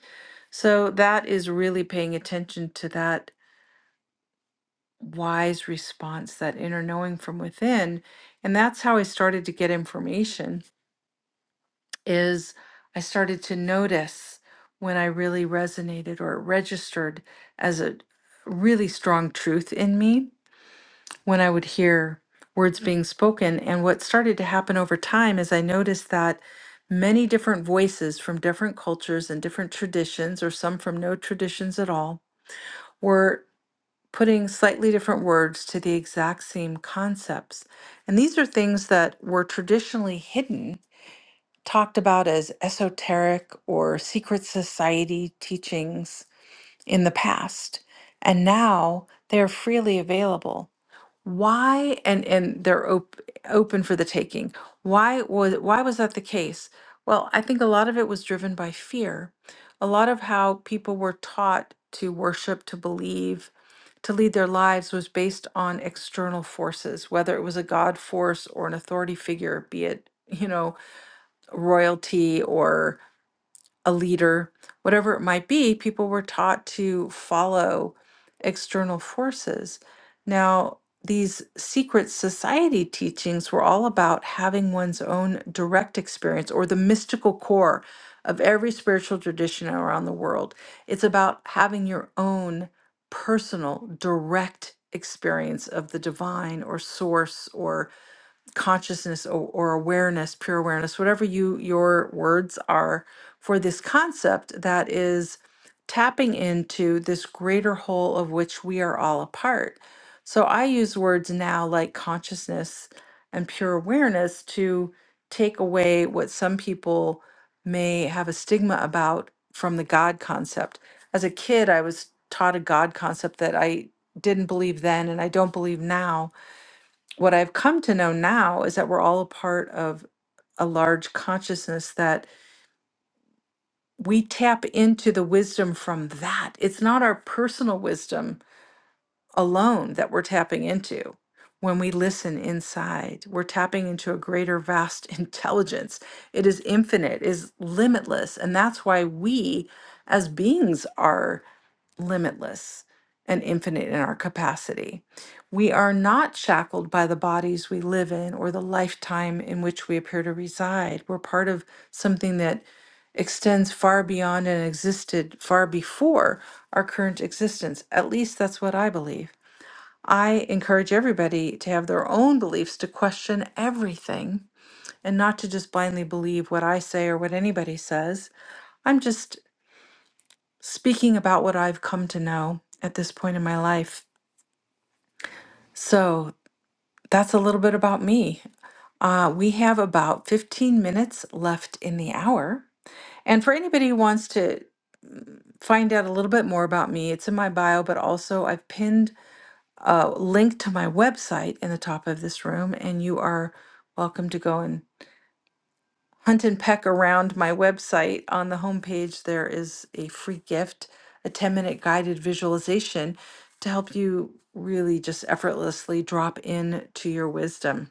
A: So that is really paying attention to that wise response, that inner knowing from within. And that's how I started to get information is I started to notice when I really resonated or registered as a really strong truth in me when I would hear words being spoken. And what started to happen over time is I noticed that many different voices from different cultures and different traditions, or some from no traditions at all, were putting slightly different words to the exact same concepts. And these are things that were traditionally hidden, talked about as esoteric or secret society teachings in the past. And now they're freely available. Why and and they're op open for the taking. Why was why was that the case? Well, I think a lot of it was driven by fear. A lot of how people were taught to worship, to believe, to lead their lives was based on external forces, whether it was a God force or an authority figure, be it, you know, royalty a leader, whatever it might be, people were taught to follow external forces. Now, these secret society teachings were all about having one's own direct experience or the mystical core of every spiritual tradition around the world. It's about having your own personal, direct experience of the divine or source or consciousness or, or awareness, pure awareness, whatever you your words are for this concept that is tapping into this greater whole of which we are all a part. So I use words now like consciousness and pure awareness to take away what some people may have a stigma about from the God concept. As a kid, I was taught a God concept that I didn't believe then and I don't believe now what I've come to know now is that we're all a part of a large consciousness that we tap into the wisdom from that. It's not our personal wisdom alone that we're tapping into. When we listen inside, we're tapping into a greater, vast intelligence. It is infinite, is limitless. And that's why we as beings are limitless and infinite in our capacity. We are not shackled by the bodies we live in or the lifetime in which we appear to reside. We're part of something that extends far beyond and existed far before our current existence. At least that's what I believe. I encourage everybody to have their own beliefs, to question everything, and not to just blindly believe what I say or what anybody says. I'm just speaking about what I've come to know at this point in my life. So that's a little bit about me. Uh, we have about 15 minutes left in the hour. And for anybody who wants to find out a little bit more about me, it's in my bio, but also I've pinned a link to my website in the top of this room, and you are welcome to go and hunt and peck around my website, on the homepage, there is a free gift, a 10 minute guided visualization to help you really just effortlessly drop in to your wisdom.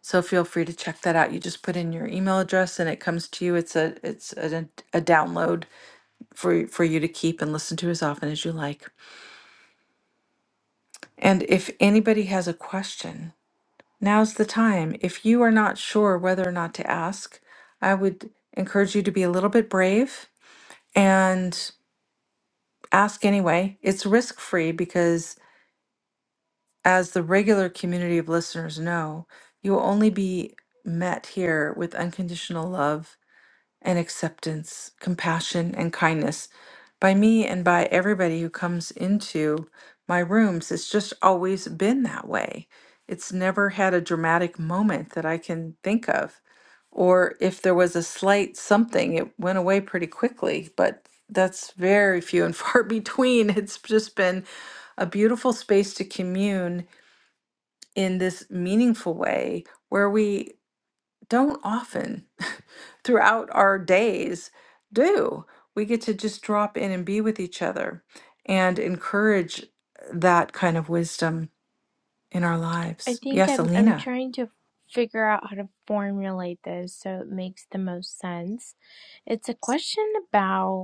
A: So feel free to check that out. You just put in your email address and it comes to you. It's a it's a, a download for for you to keep and listen to as often as you like. And if anybody has a question, now's the time. If you are not sure whether or not to ask, I would encourage you to be a little bit brave and ask anyway. It's risk free because, as the regular community of listeners know, you will only be met here with unconditional love and acceptance, compassion, and kindness by me and by everybody who comes into my rooms. It's just always been that way. It's never had a dramatic moment that I can think of. Or if there was a slight something, it went away pretty quickly, but that's very few and far between. It's just been a beautiful space to commune in this meaningful way where we don't often throughout our days do. We get to just drop in and be with each other and encourage that kind of wisdom in our
C: I
A: lives.
C: think
A: Yes,
C: I'm I'm
A: Alina.
C: trying to figure out how to formulate this so it makes the most sense. It's a question about.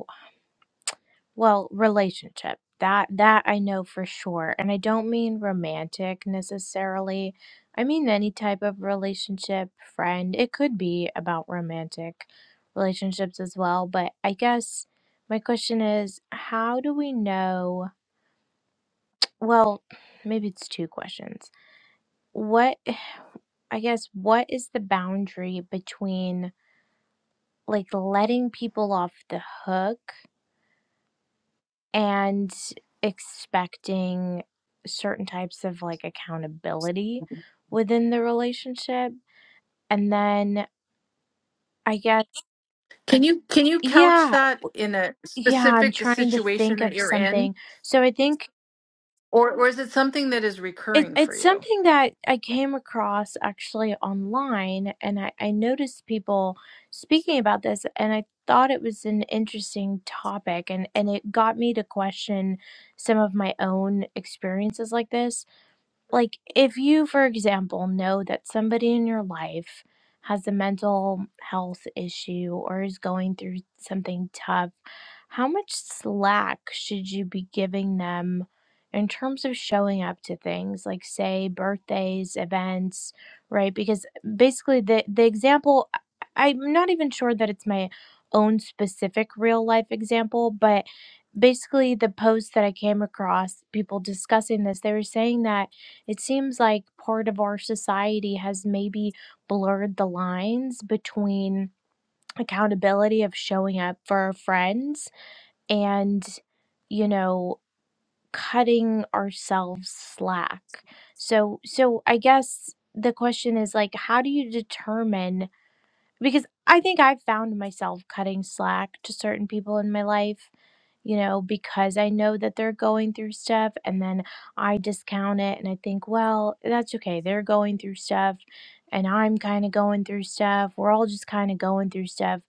C: Well, relationship. That that I know for sure. And I don't mean romantic necessarily. I mean any type of relationship, friend. It could be about romantic relationships as well, but I guess my question is how do we know well, maybe it's two questions. What I guess what is the boundary between like letting people off the hook and expecting certain types of like accountability within the relationship. And then I guess,
A: Can you can you couch
C: yeah,
A: that in a
C: yeah, I'm
A: specific
C: trying to
A: situation
C: think
A: that
C: of
A: you're in?
C: something. So I think
A: Or or is it something that is
C: it,
A: recurring for
C: it's
A: you?
C: something that I came across actually online, and I, I noticed people speaking about this, and I thought it was an interesting topic, and, and it got me to question some of my own experiences like this like if you for example know that somebody in your life has a mental health issue or is going through something tough how much slack should you be giving them in terms of showing up to things like say birthdays events right because basically the the example I- i'm not even sure that it's my own specific real life example but basically the post that i came across people discussing this they were saying that it seems like part of our society has maybe blurred the lines between accountability of showing up for our friends and, you know, cutting ourselves slack. So so I guess the question is like how do you determine because I think I've found myself cutting slack to certain people in my life, you know, because I know that they're going through stuff and then I discount it and I think, well, that's okay. They're going through stuff and I'm kind of going through stuff. We're all just kind of going through stuff.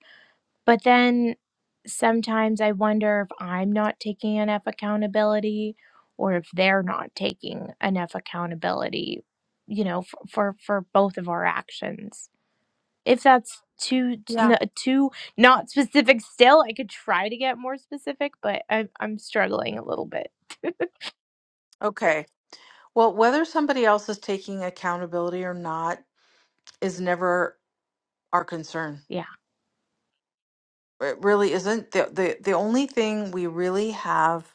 C: But then sometimes I wonder if I'm not taking enough accountability or if they're not taking enough accountability, you know, for for, for both of our actions. If that's too
A: Yeah.
C: n too not specific still, I could try to get more specific, but I'm I'm struggling a little bit.
A: Okay. Well, whether somebody else is taking accountability or not is never our concern
C: Yeah.
A: It really isn't. The, the, the only thing we really have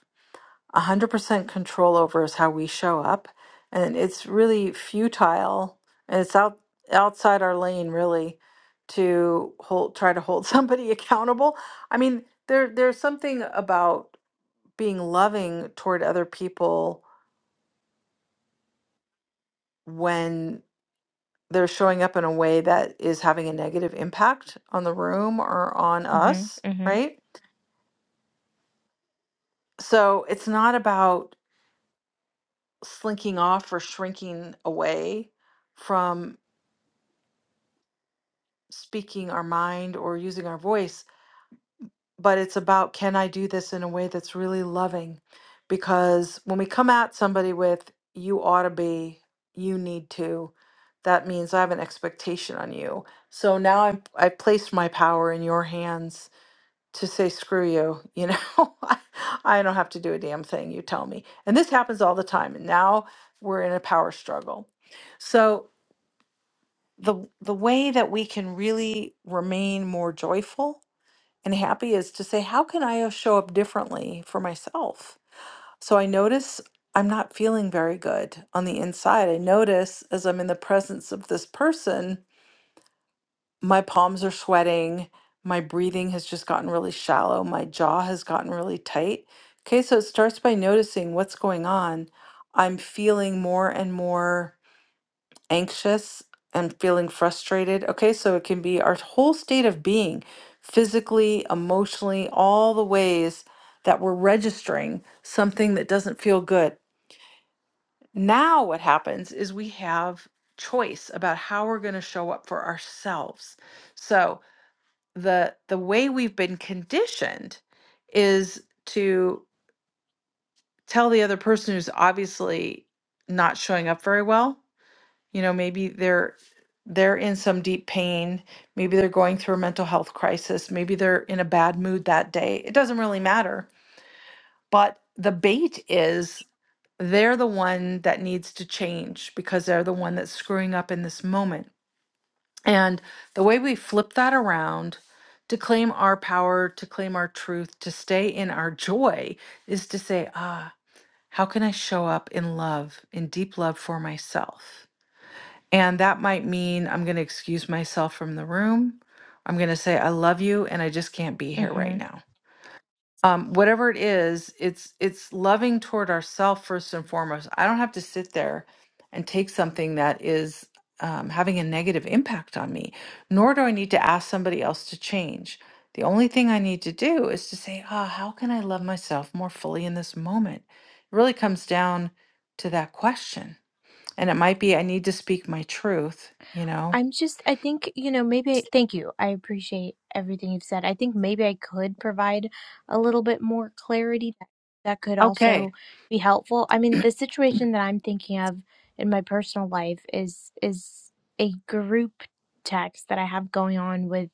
A: 100% control over is how we show up. And it's really futile and it's out, outside our lane, really, to hold, try to hold somebody accountable. I mean, there, there's something about being loving toward other people when they're showing up in a way that is having a negative impact on the room or on
C: Mhm,
A: us,
C: mhm,
A: right? So it's not about slinking off or shrinking away from speaking our mind or using our voice, but it's about can I do this in a way that's really loving? Because when we come at somebody with, you ought to be, you need to, that means I have an expectation on you. So now I'm, I placed my power in your hands to say, screw you, you know, I, I don't have to do a damn thing, you tell me. And this happens all the time. And now we're in a power struggle. So the the way that we can really remain more joyful and happy is to say how can i uh, show up differently for myself so i notice i'm not feeling very good on the inside i notice as i'm in the presence of this person my palms are sweating my breathing has just gotten really shallow my jaw has gotten really tight okay so it starts by noticing what's going on i'm feeling more and more anxious and feeling frustrated. Okay, so it can be our whole state of being, physically, emotionally, all the ways that we're registering something that doesn't feel good. Now, what happens is we have choice about how we're going to show up for ourselves. So, the the way we've been conditioned is to tell the other person who's obviously not showing up very well you know maybe they're they're in some deep pain maybe they're going through a mental health crisis maybe they're in a bad mood that day it doesn't really matter but the bait is they're the one that needs to change because they're the one that's screwing up in this moment and the way we flip that around to claim our power to claim our truth to stay in our joy is to say ah how can i show up in love in deep love for myself and that might mean I'm going to excuse myself from the room. I'm going to say I love you and I just can't be here
C: mhm.
A: right now. Um, whatever it is, it's it's loving toward ourselves first and foremost. I don't have to sit there and take something that is um, having a negative impact on me, nor do I need to ask somebody else to change. The only thing I need to do is to say, "Ah, how can I love myself more fully in this moment?" It really comes down to that question and it might be I need to speak my truth, you know?
C: I'm just, I think, you know, maybe, thank you. I appreciate everything you've said. I think maybe I could provide a little bit more clarity that, that could also
A: Okay.
C: be helpful. I mean, the situation that I'm thinking of in my personal life is is a group text that I have going on with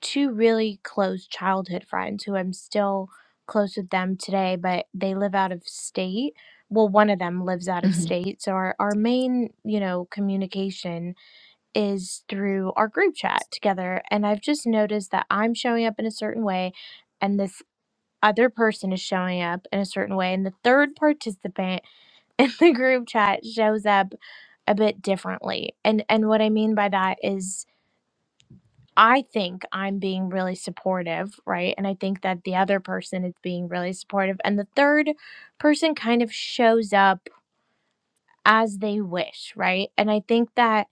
C: two really close childhood friends who I'm still close with them today, but they live out of state. Well, one of them lives out of
A: hmm
C: state, so our, our main, you know, communication is through our group chat together. And I've just noticed that I'm showing up in a certain way and this other person is showing up in a certain way. And the third participant in the group chat shows up a bit differently. And and what I mean by that is I think I'm being really supportive, right? And I think that the other person is being really supportive. And the third person kind of shows up as they wish, right? And I think that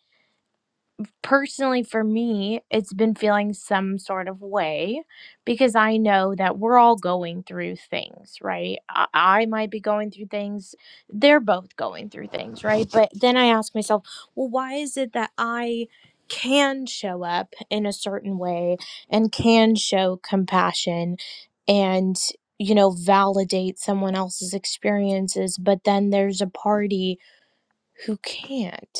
C: personally for me it's been feeling some sort of way because i know that we're all going through things right i, I might be going through things they're both going through things right but then i ask myself well why is it that i can show up in a certain way and can show compassion and you know validate someone else's experiences but then there's a party who can't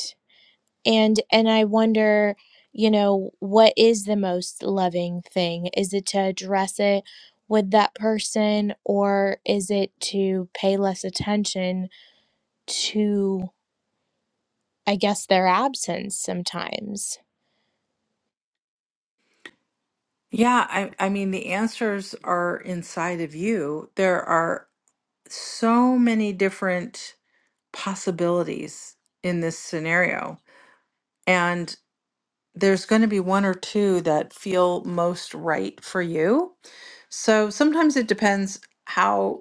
C: and and i wonder you know what is the most loving thing is it to address it with that person or is it to pay less attention to i guess their absence sometimes
A: Yeah, I, I mean, the answers are inside of you. There are so many different possibilities in this scenario, and there's going to be one or two that feel most right for you. So sometimes it depends how.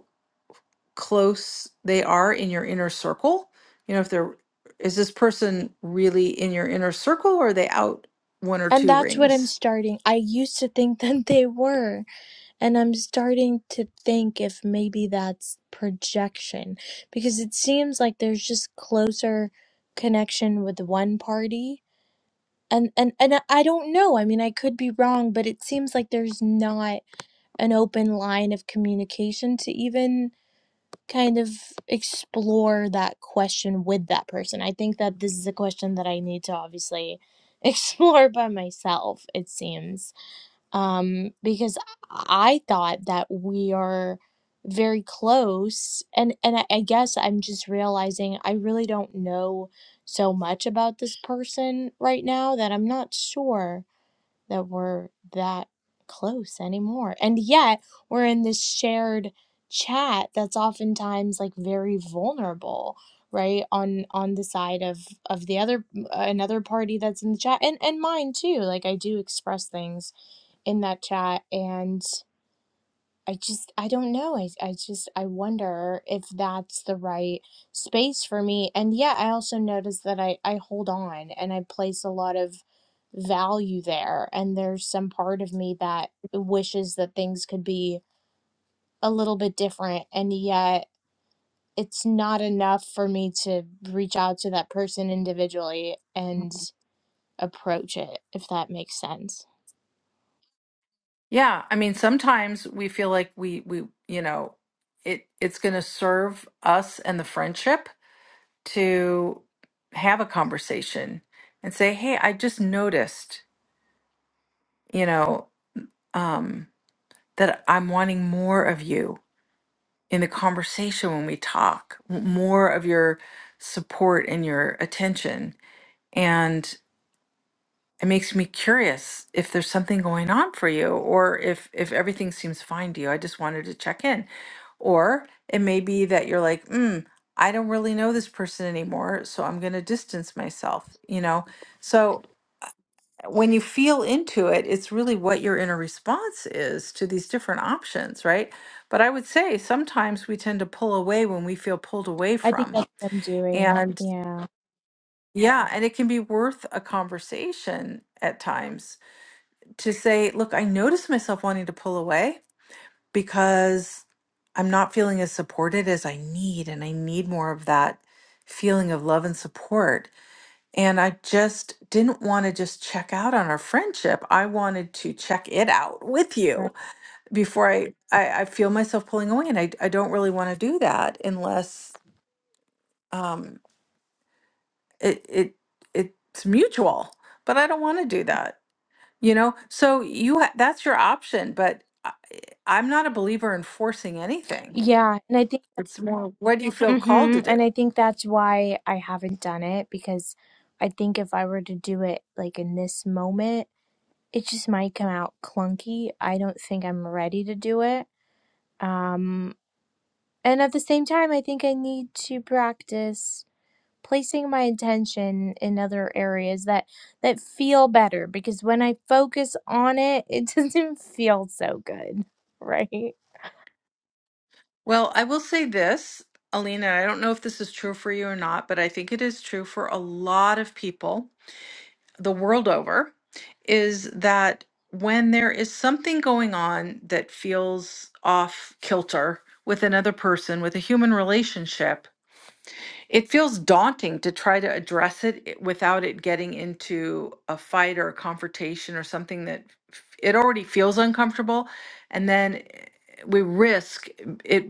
A: close they are in your inner circle. You know, if they're, is this person really in your inner circle or are they out one or
C: and
A: two
C: that's what i'm
A: rings?
C: starting i used to think that they were and i'm starting to think if maybe that's projection because it seems like there's just closer connection with one party and and and I I don't know. I mean, I could be wrong, but it seems like there's not an open line of communication to even kind of explore that question with that person. I think that this is a question that I need to obviously explore by myself, it seems um, because I thought that we are very close, and and I, I guess I'm just realizing I really don't know so much about this person right now that I'm not sure that we're that close anymore, and yet we're in this shared chat that's oftentimes like very vulnerable right on on the side of of the other another party that's in the chat and and mine too like i do express things in that chat and i just i don't know i, I just i wonder if that's the right space for me and yeah i also notice that i i hold on and i place a lot of value there and there's some part of me that wishes that things could be a little bit different and yet it's not enough for me to reach out to that person individually and approach it if that makes sense
A: Yeah. I mean, sometimes we feel like we, we, you know, it, it's going to serve us and the friendship to have a conversation and say, Hey, I just noticed, you know, um, that I'm wanting more of you in the conversation when we talk, w- more of your support and your attention. And it makes me curious if there's something going on for you or if if everything seems fine to you. I just wanted to check in. Or it may be that you're like, mm, I don't really know this person anymore, so I'm going to distance myself, you know? So when you feel into it, it's really what your inner response is to these different options, right? But I would say sometimes we tend to pull away when we feel pulled away
C: i think
A: from.
C: that's what i'm doing
A: And
C: yeah
A: yeah, and it can be worth a conversation at times to say, look, I notice myself wanting to pull away because I'm not feeling as supported as I need. And I need more of that feeling of love and support And I just didn't want to just check out on our friendship. I wanted to check it out with you before I, I, I feel myself pulling away. And I, I don't really want to do that unless um, it, it, it's mutual, but I don't want to do that, you know? So you, ha- that's your option, but I, I'm not a believer in forcing anything.
C: Yeah, and I think,
A: It's more, what do you feel called
C: hmm
A: to do?
C: and I think that's why I haven't done it because I think if I were to do it like in this moment, it just might come out clunky. I don't think I'm ready to do it. Um, and at the same time, I think I need to practice placing my attention in other areas that that feel better because when I focus on it, it doesn't feel so good, right?
A: Well, I will say this, Alina, I don't know if this is true for you or not, but I think it is true for a lot of people the world over, is that when there is something going on that feels off kilter with another person, with a human relationship, it feels daunting to try to address it i- without it getting into a fight or a confrontation or something that f- it already feels uncomfortable. And then eh, we risk it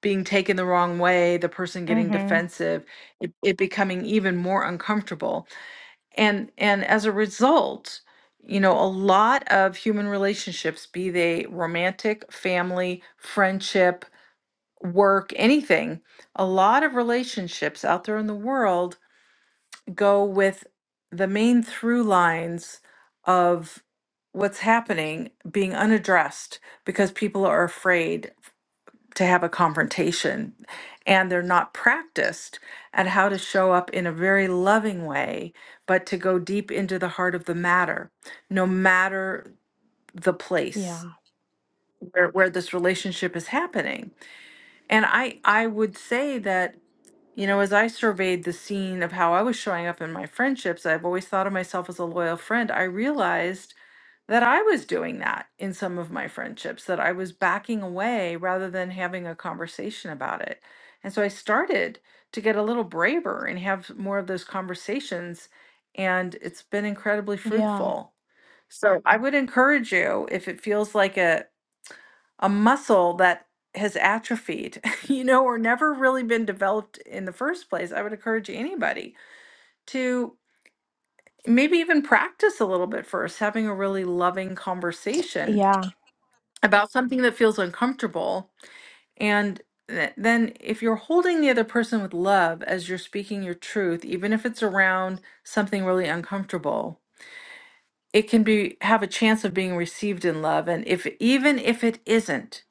A: being taken the wrong way, the person getting
C: Mm-hmm.
A: defensive, it, it becoming even more uncomfortable. And and as a result, you know, a lot of human relationships, be they romantic, family, friendship, work, anything, a lot of relationships out there in the world go with the main through lines of what's happening being unaddressed because people are afraid to have a confrontation and they're not practiced at how to show up in a very loving way but to go deep into the heart of the matter no matter the place
C: Yeah.
A: where, where this relationship is happening and i i would say that you know, as I surveyed the scene of how I was showing up in my friendships, I've always thought of myself as a loyal friend. I realized that I was doing that in some of my friendships, that I was backing away rather than having a conversation about it. And so I started to get a little braver and have more of those conversations. And it's been incredibly
C: Yeah.
A: fruitful. So I would encourage you, if it feels like a, a muscle that has atrophied, you know, or never really been developed in the first place, I would encourage anybody to maybe even practice a little bit first, having a really loving conversation
C: Yeah.
A: about something that feels uncomfortable. And th- then, if you're holding the other person with love as you're speaking your truth, even if it's around something really uncomfortable, it can be have a chance of being received in love and if even if it isn't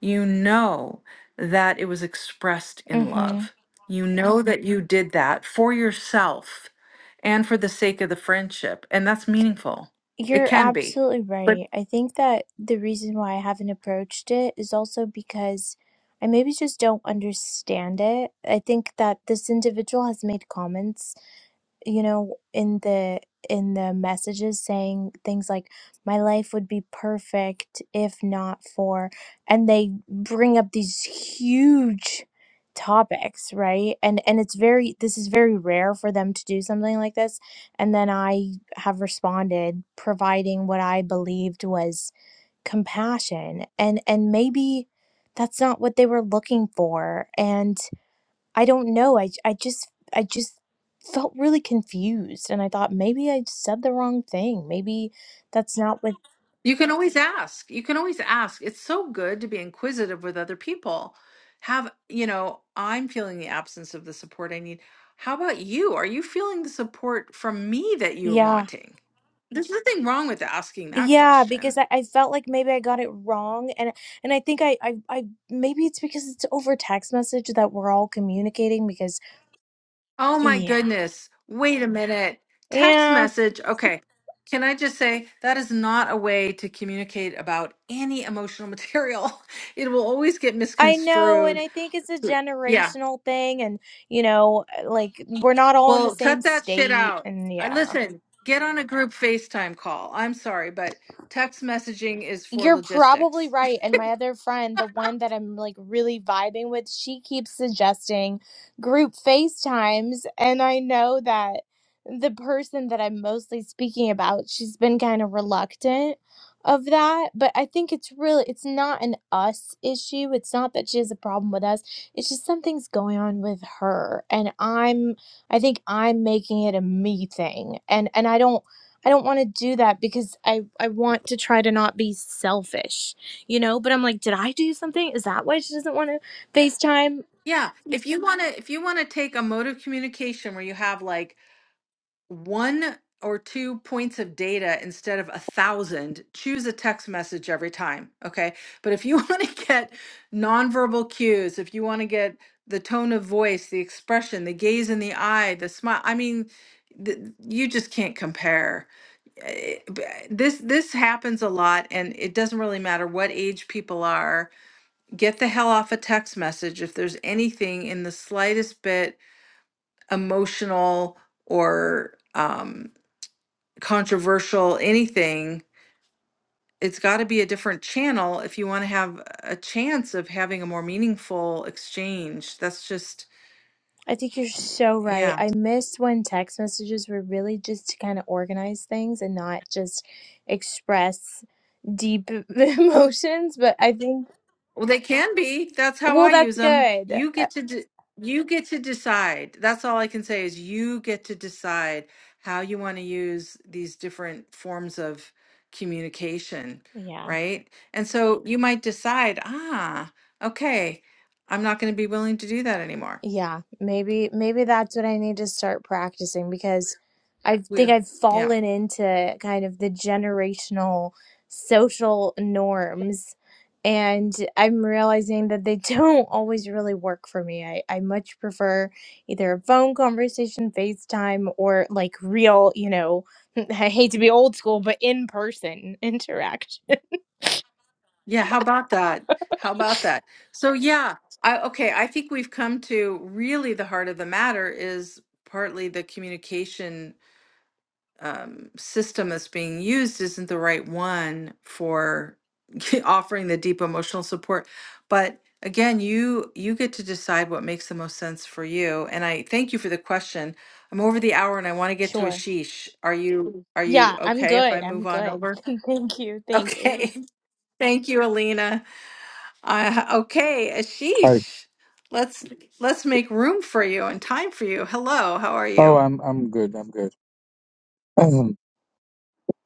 A: you know that it was expressed in
C: Mm-hmm.
A: love you know that you did that for yourself and for the sake of the friendship and that's meaningful it
C: You're
A: can be
C: absolutely
A: but
C: right. I think that the reason why I haven't approached it is also because I maybe just don't understand it. I think that this individual has made comments you know in the in the messages saying things like my life would be perfect if not for and they bring up these huge topics right and and it's very this is very rare for them to do something like this and then i have responded providing what i believed was compassion and and maybe that's not what they were looking for and. I don't know. I I just I just felt really confused and I thought maybe I said the wrong thing. Maybe that's not what
A: you can always ask you can always ask it's so good to be inquisitive with other people have you know i'm feeling the absence of the support i need how about you are you feeling the support from me that you're
C: Yeah.
A: wanting There's nothing wrong with asking that
C: Yeah,
A: question.
C: because I, I felt like maybe I got it wrong and and I think I, I I maybe it's because it's over text message that we're all communicating because
A: Oh my
C: yeah.
A: goodness. Wait a minute. Text
C: Yeah.
A: message. Okay. Can I just say that is not a way to communicate about any emotional material? It will always get
C: I know and
A: misconstrued.
C: I think it's a
A: Yeah.
C: generational thing and you know like we're not all in the
A: Well,
C: same
A: cut that shit
C: state
A: out.
C: and
A: I
C: yeah.
A: listen, get on a group FaceTime call. I'm sorry, but text messaging is for
C: You're probably
A: logistics.
C: right. And my other friend, the one that I'm like really vibing with, she keeps suggesting group FaceTimes. And I know that the person that I'm mostly speaking about, she's been kind of reluctant of that. But I think it's really, it's not an us issue. It's not that she has a problem with us. It's just something's going on with her. And I'm, I think I'm making it a me thing. And, and I don't, I don't want to do that because I I want to try to not be selfish, you know. But I'm like, did I do something? Is that why she doesn't want to FaceTime?
A: Yeah, if you want to if you want to take a mode of communication where you have like one or two points of data instead of a thousand, choose a text message every time, okay? But if you want to get nonverbal cues, if you want to get the tone of voice, the expression, the gaze in the eye, the smile, I mean, th- you just can't compare. Eh, b- This this happens a lot and it doesn't really matter what age people are get the hell off a text message if there's anything in the slightest bit emotional or um, controversial, anything. It's got to be a different channel if you want to have a chance of having a more meaningful exchange. That's just,
C: I think you're so right.
A: yeah.
C: I miss when text messages were really just to kind of organize things and not just express deep emotions. But I think,
A: Well, they can be. That's how
C: well,
A: I use
C: that's
A: them.
C: good.
A: You
C: Uh,
A: get to de- you get to decide. That's all I can say is you get to decide how you want to use these different forms of communication,
C: yeah.
A: right? And so you might decide, ah, okay, I'm not going to be willing to do that anymore.
C: Yeah, maybe maybe that's what I need to start practicing because I think
A: Yeah.
C: I've
A: Yeah.
C: fallen into kind of the generational social norms and I'm realizing that they don't always really work for me. I, I much prefer either a phone conversation, FaceTime, or like real, you know, I hate to be old school, but in person interaction.
A: Yeah, how about that? How about that? So yeah, I okay, I think we've come to really the heart of the matter is partly the communication um, system that's being used isn't the right one for offering the deep emotional support but again you you get to decide what makes the most sense for you and i thank you for the question i'm over the hour and i want to get to
C: Sure.
A: ashish are you are you
C: Yeah, I'm
A: okay if i
C: good. I'm
A: move on
C: good.
A: over
C: Thank you. Thank you.
A: okay thank you alina uh, okay
D: Hi.
A: ashish let's let's make room for you and time for you hello how are
D: Oh,
A: you
D: I'm I'm good. I'm good.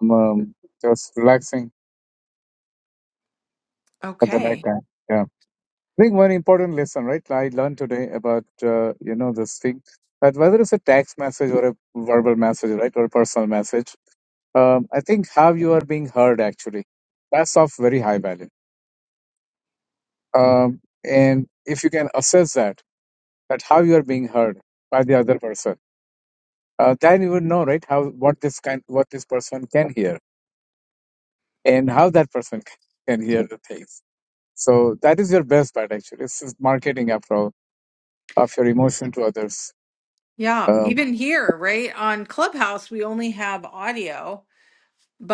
D: I'm um, just relaxing at the night
A: okay
D: time. Yeah. I think one important lesson, right? I learned today about uh, you know this thing that whether it's a text message or a verbal message, right, or a personal message, um, I think how you are being heard actually that's of very high value. Um, and if you can assess that, that how you are being heard by the other person, uh, then you would know, right, how what this kind, what this person can hear, and how that person can hear the things So that is your best bet, actually. This is marketing after all, of your emotion to others.
A: Yeah,
D: Um,
A: even here, right? On Clubhouse, we only have audio,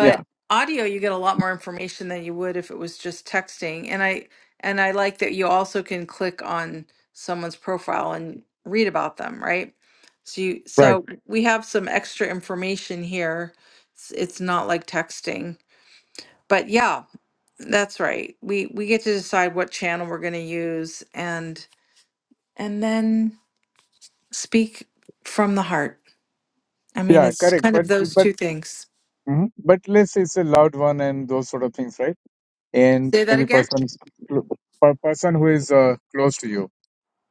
D: yeah,
A: audio you get a lot more information than you would if it was just texting. And I and I like that you also can click on someone's profile and read about them, right? So you
D: right.
A: so Right. we have some extra information here. It's, it's not like texting. But yeah, that's right. We we get to decide what channel we're going to use and and then speak from the heart. I mean,
D: Yeah,
A: it's
D: correct.
A: kind
D: But
A: of those
D: but
A: two things.
D: mhm. but let's say it's a loud one and those sort of things, right? And
A: Say that
D: maybe
A: again?
D: person per person who is uh, close to you,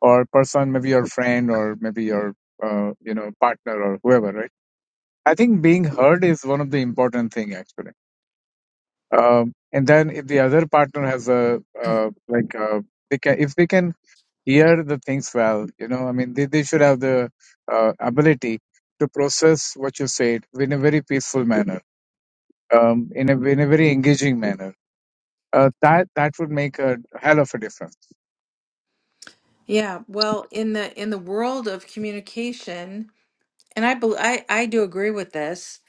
D: or person maybe your friend, or maybe your uh, you know partner or whoever, right? I think being heard is one of the important thing actually. Um, and then if the other partner has a uh, like uh they can if they can hear the things well. You know, I mean, they, they should have the uh, ability to process what you said in a very peaceful manner, um, in a in a very engaging manner. Uh, that that would make a hell of a difference.
A: Yeah, well, in the in the world of communication, and I bel I I do agree with this.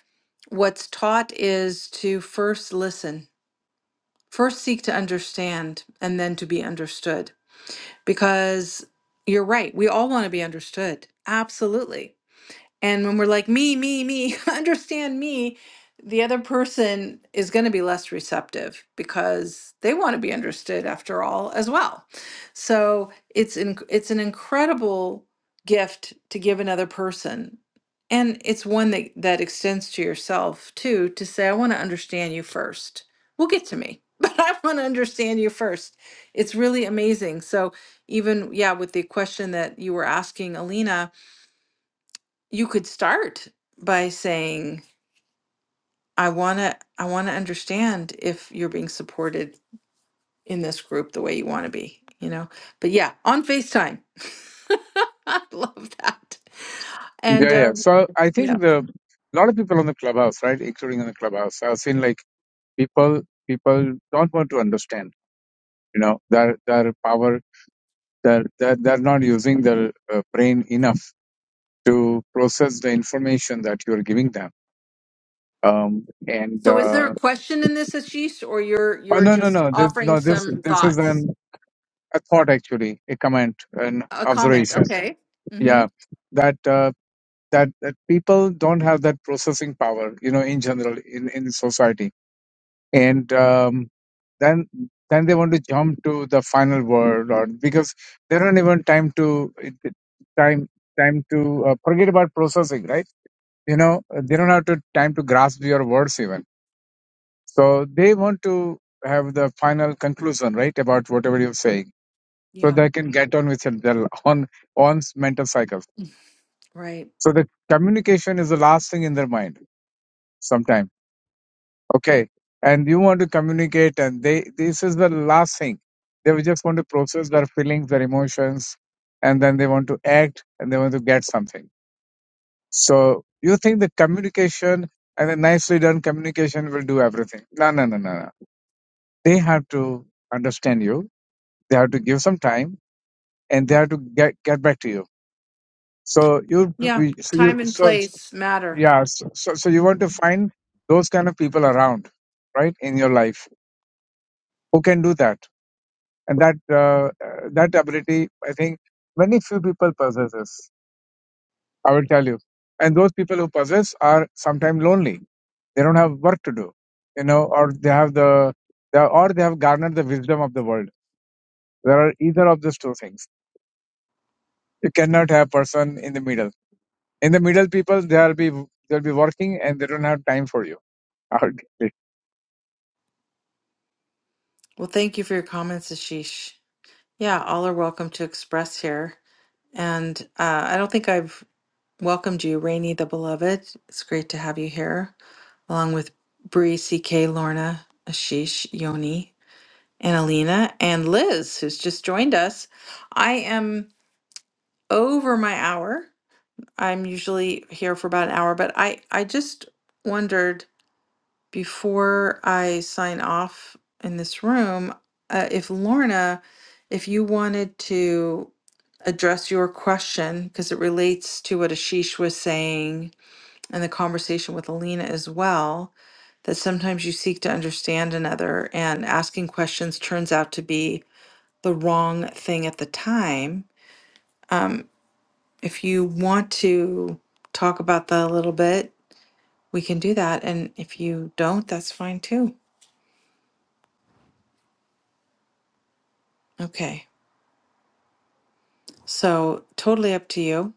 A: What's taught is to first listen, first seek to understand, and then to be understood. Because you're right, we all want to be understood. Absolutely. And when we're like, me, me, me, understand me, the other person is going to be less receptive because they want to be understood after all as well. So it's in, it's an incredible gift to give another person. And it's one that, that extends to yourself too, to say, I want to understand you first. We'll get to me, but I want to understand you first. It's really amazing. So even, yeah, with the question that you were asking, Alina, you could start by saying i want to i want to understand if you're being supported in this group the way you want to be you know but yeah on facetime i love that and
D: Yeah, yeah.
A: um
D: So I
A: yeah
D: think the lot of people on the clubhouse, right, including on the clubhouse, I've seen like people people don't want to understand. You know, their their power. They're, they're, they're not using their uh, brain enough to process the information that you're giving them um, and
A: so is
D: uh,
A: there a question in this ashish or you're
D: Oh,
A: you're
D: no, no,
A: just
D: no. This,
A: offering
D: no, this,
A: some
D: this is
A: thoughts
D: an a thought actually, a comment, an
A: a comment
D: observation.
A: okay hmm
D: Yeah, that uh, that that people don't have that processing power, you know, in general in in society, and um, then then they want to jump to the final word, or because they don't even time to it- it- time time to uh, forget about processing, right? You know, they don't have to time to grasp your words even. So they want to have the final conclusion, right, about whatever you're saying so
A: yeah
D: they can get on with it, their on on mental cycles.
A: right
D: So the communication is the last thing in their mind. Sometime, okay, and you want to communicate, and they this is the last thing. They will just want to process their feelings, their emotions, and then they want to act and they want to get something. So you think the communication and the nicely done communication will do everything? No, no, no, no, no. They have to understand you. They have to give some time, and they have to get get back to you So you,
A: yeah
D: so you,
A: time and
D: so so-
A: place matter
D: yeah, so, so so you want to
A: Mhm.
D: find those kind of people around, right, in your life who can do that, and that uh, uh, that ability, I think, many few people possesses. I will tell you, and those people who possess are sometimes lonely. They don't have work to do, you know, or they have the, they are, or they have garnered the wisdom of the world. There are either of those two things. You cannot have person in the middle. In the middle, people they'll be they'll be working and they don't have time for you Okay.
A: well thank you for your comments ashish Yeah, all are welcome to express here. And uh, I don't think I've welcomed you, Rainey the Beloved. It's great to have you here, along with Bree, CK, Lorna, Ashish, Yoni, Annalena, and Liz, who's just joined us. I am over my hour. I'm usually here for about an hour, but I, I just wondered before I sign off in this room, uh, if Lorna, if you wanted to address your question, because it relates to what Ashish was saying and the conversation with Alina as well, that sometimes you seek to understand another and asking questions turns out to be the wrong thing at the time. Um, if you want to talk about that a little bit, we can do that. And if you don't, that's fine too. Okay. So totally up to you.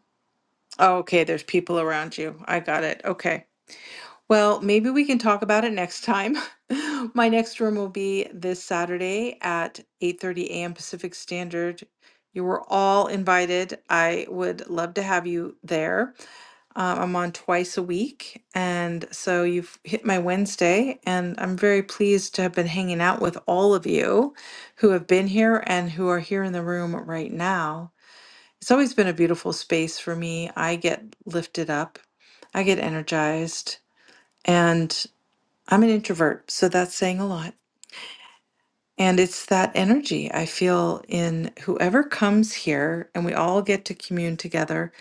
A: Oh, okay, there's people around you. I got it. Okay. Well, maybe we can talk about it next time. My next room will be this Saturday at 8:30 a.m. Pacific Standard. You were all invited. I would love to have you there. Uh, I'm on twice a week, and so you've hit my Wednesday, and I'm very pleased to have been hanging out with all of you who have been here and who are here in the room right now. It's always been a beautiful space for me. I get lifted up, I get energized, and I'm an introvert, so that's saying a lot. And it's that energy I feel in whoever comes here, and we all get to commune together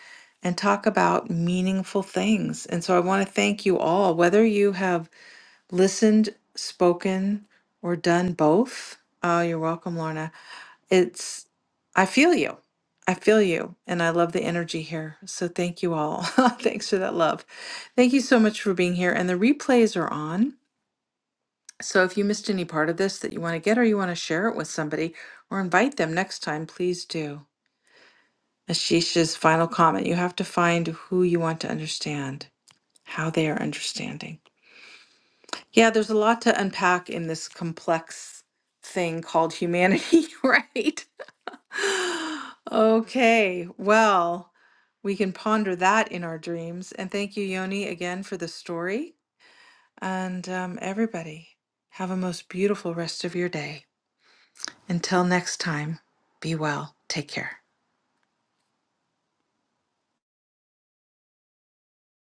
A: and talk about meaningful things. And so I want to thank you all, whether you have listened, spoken, or done both. Oh, you're welcome, Lorna it's i feel you i feel you and i love the energy here so thank you all thanks for that love thank you so much for being here and the replays are on so if you missed any part of this that you want to get or you want to share it with somebody or invite them next time please do ashisha's final comment you have to find who you want to understand how they are understanding yeah there's a lot to unpack in this complex thing called humanity right Okay, well, we can ponder that in our dreams. And thank you, Yoni, again for the story. And um, everybody, have a most beautiful rest of your day. Until next time, be well. Take care.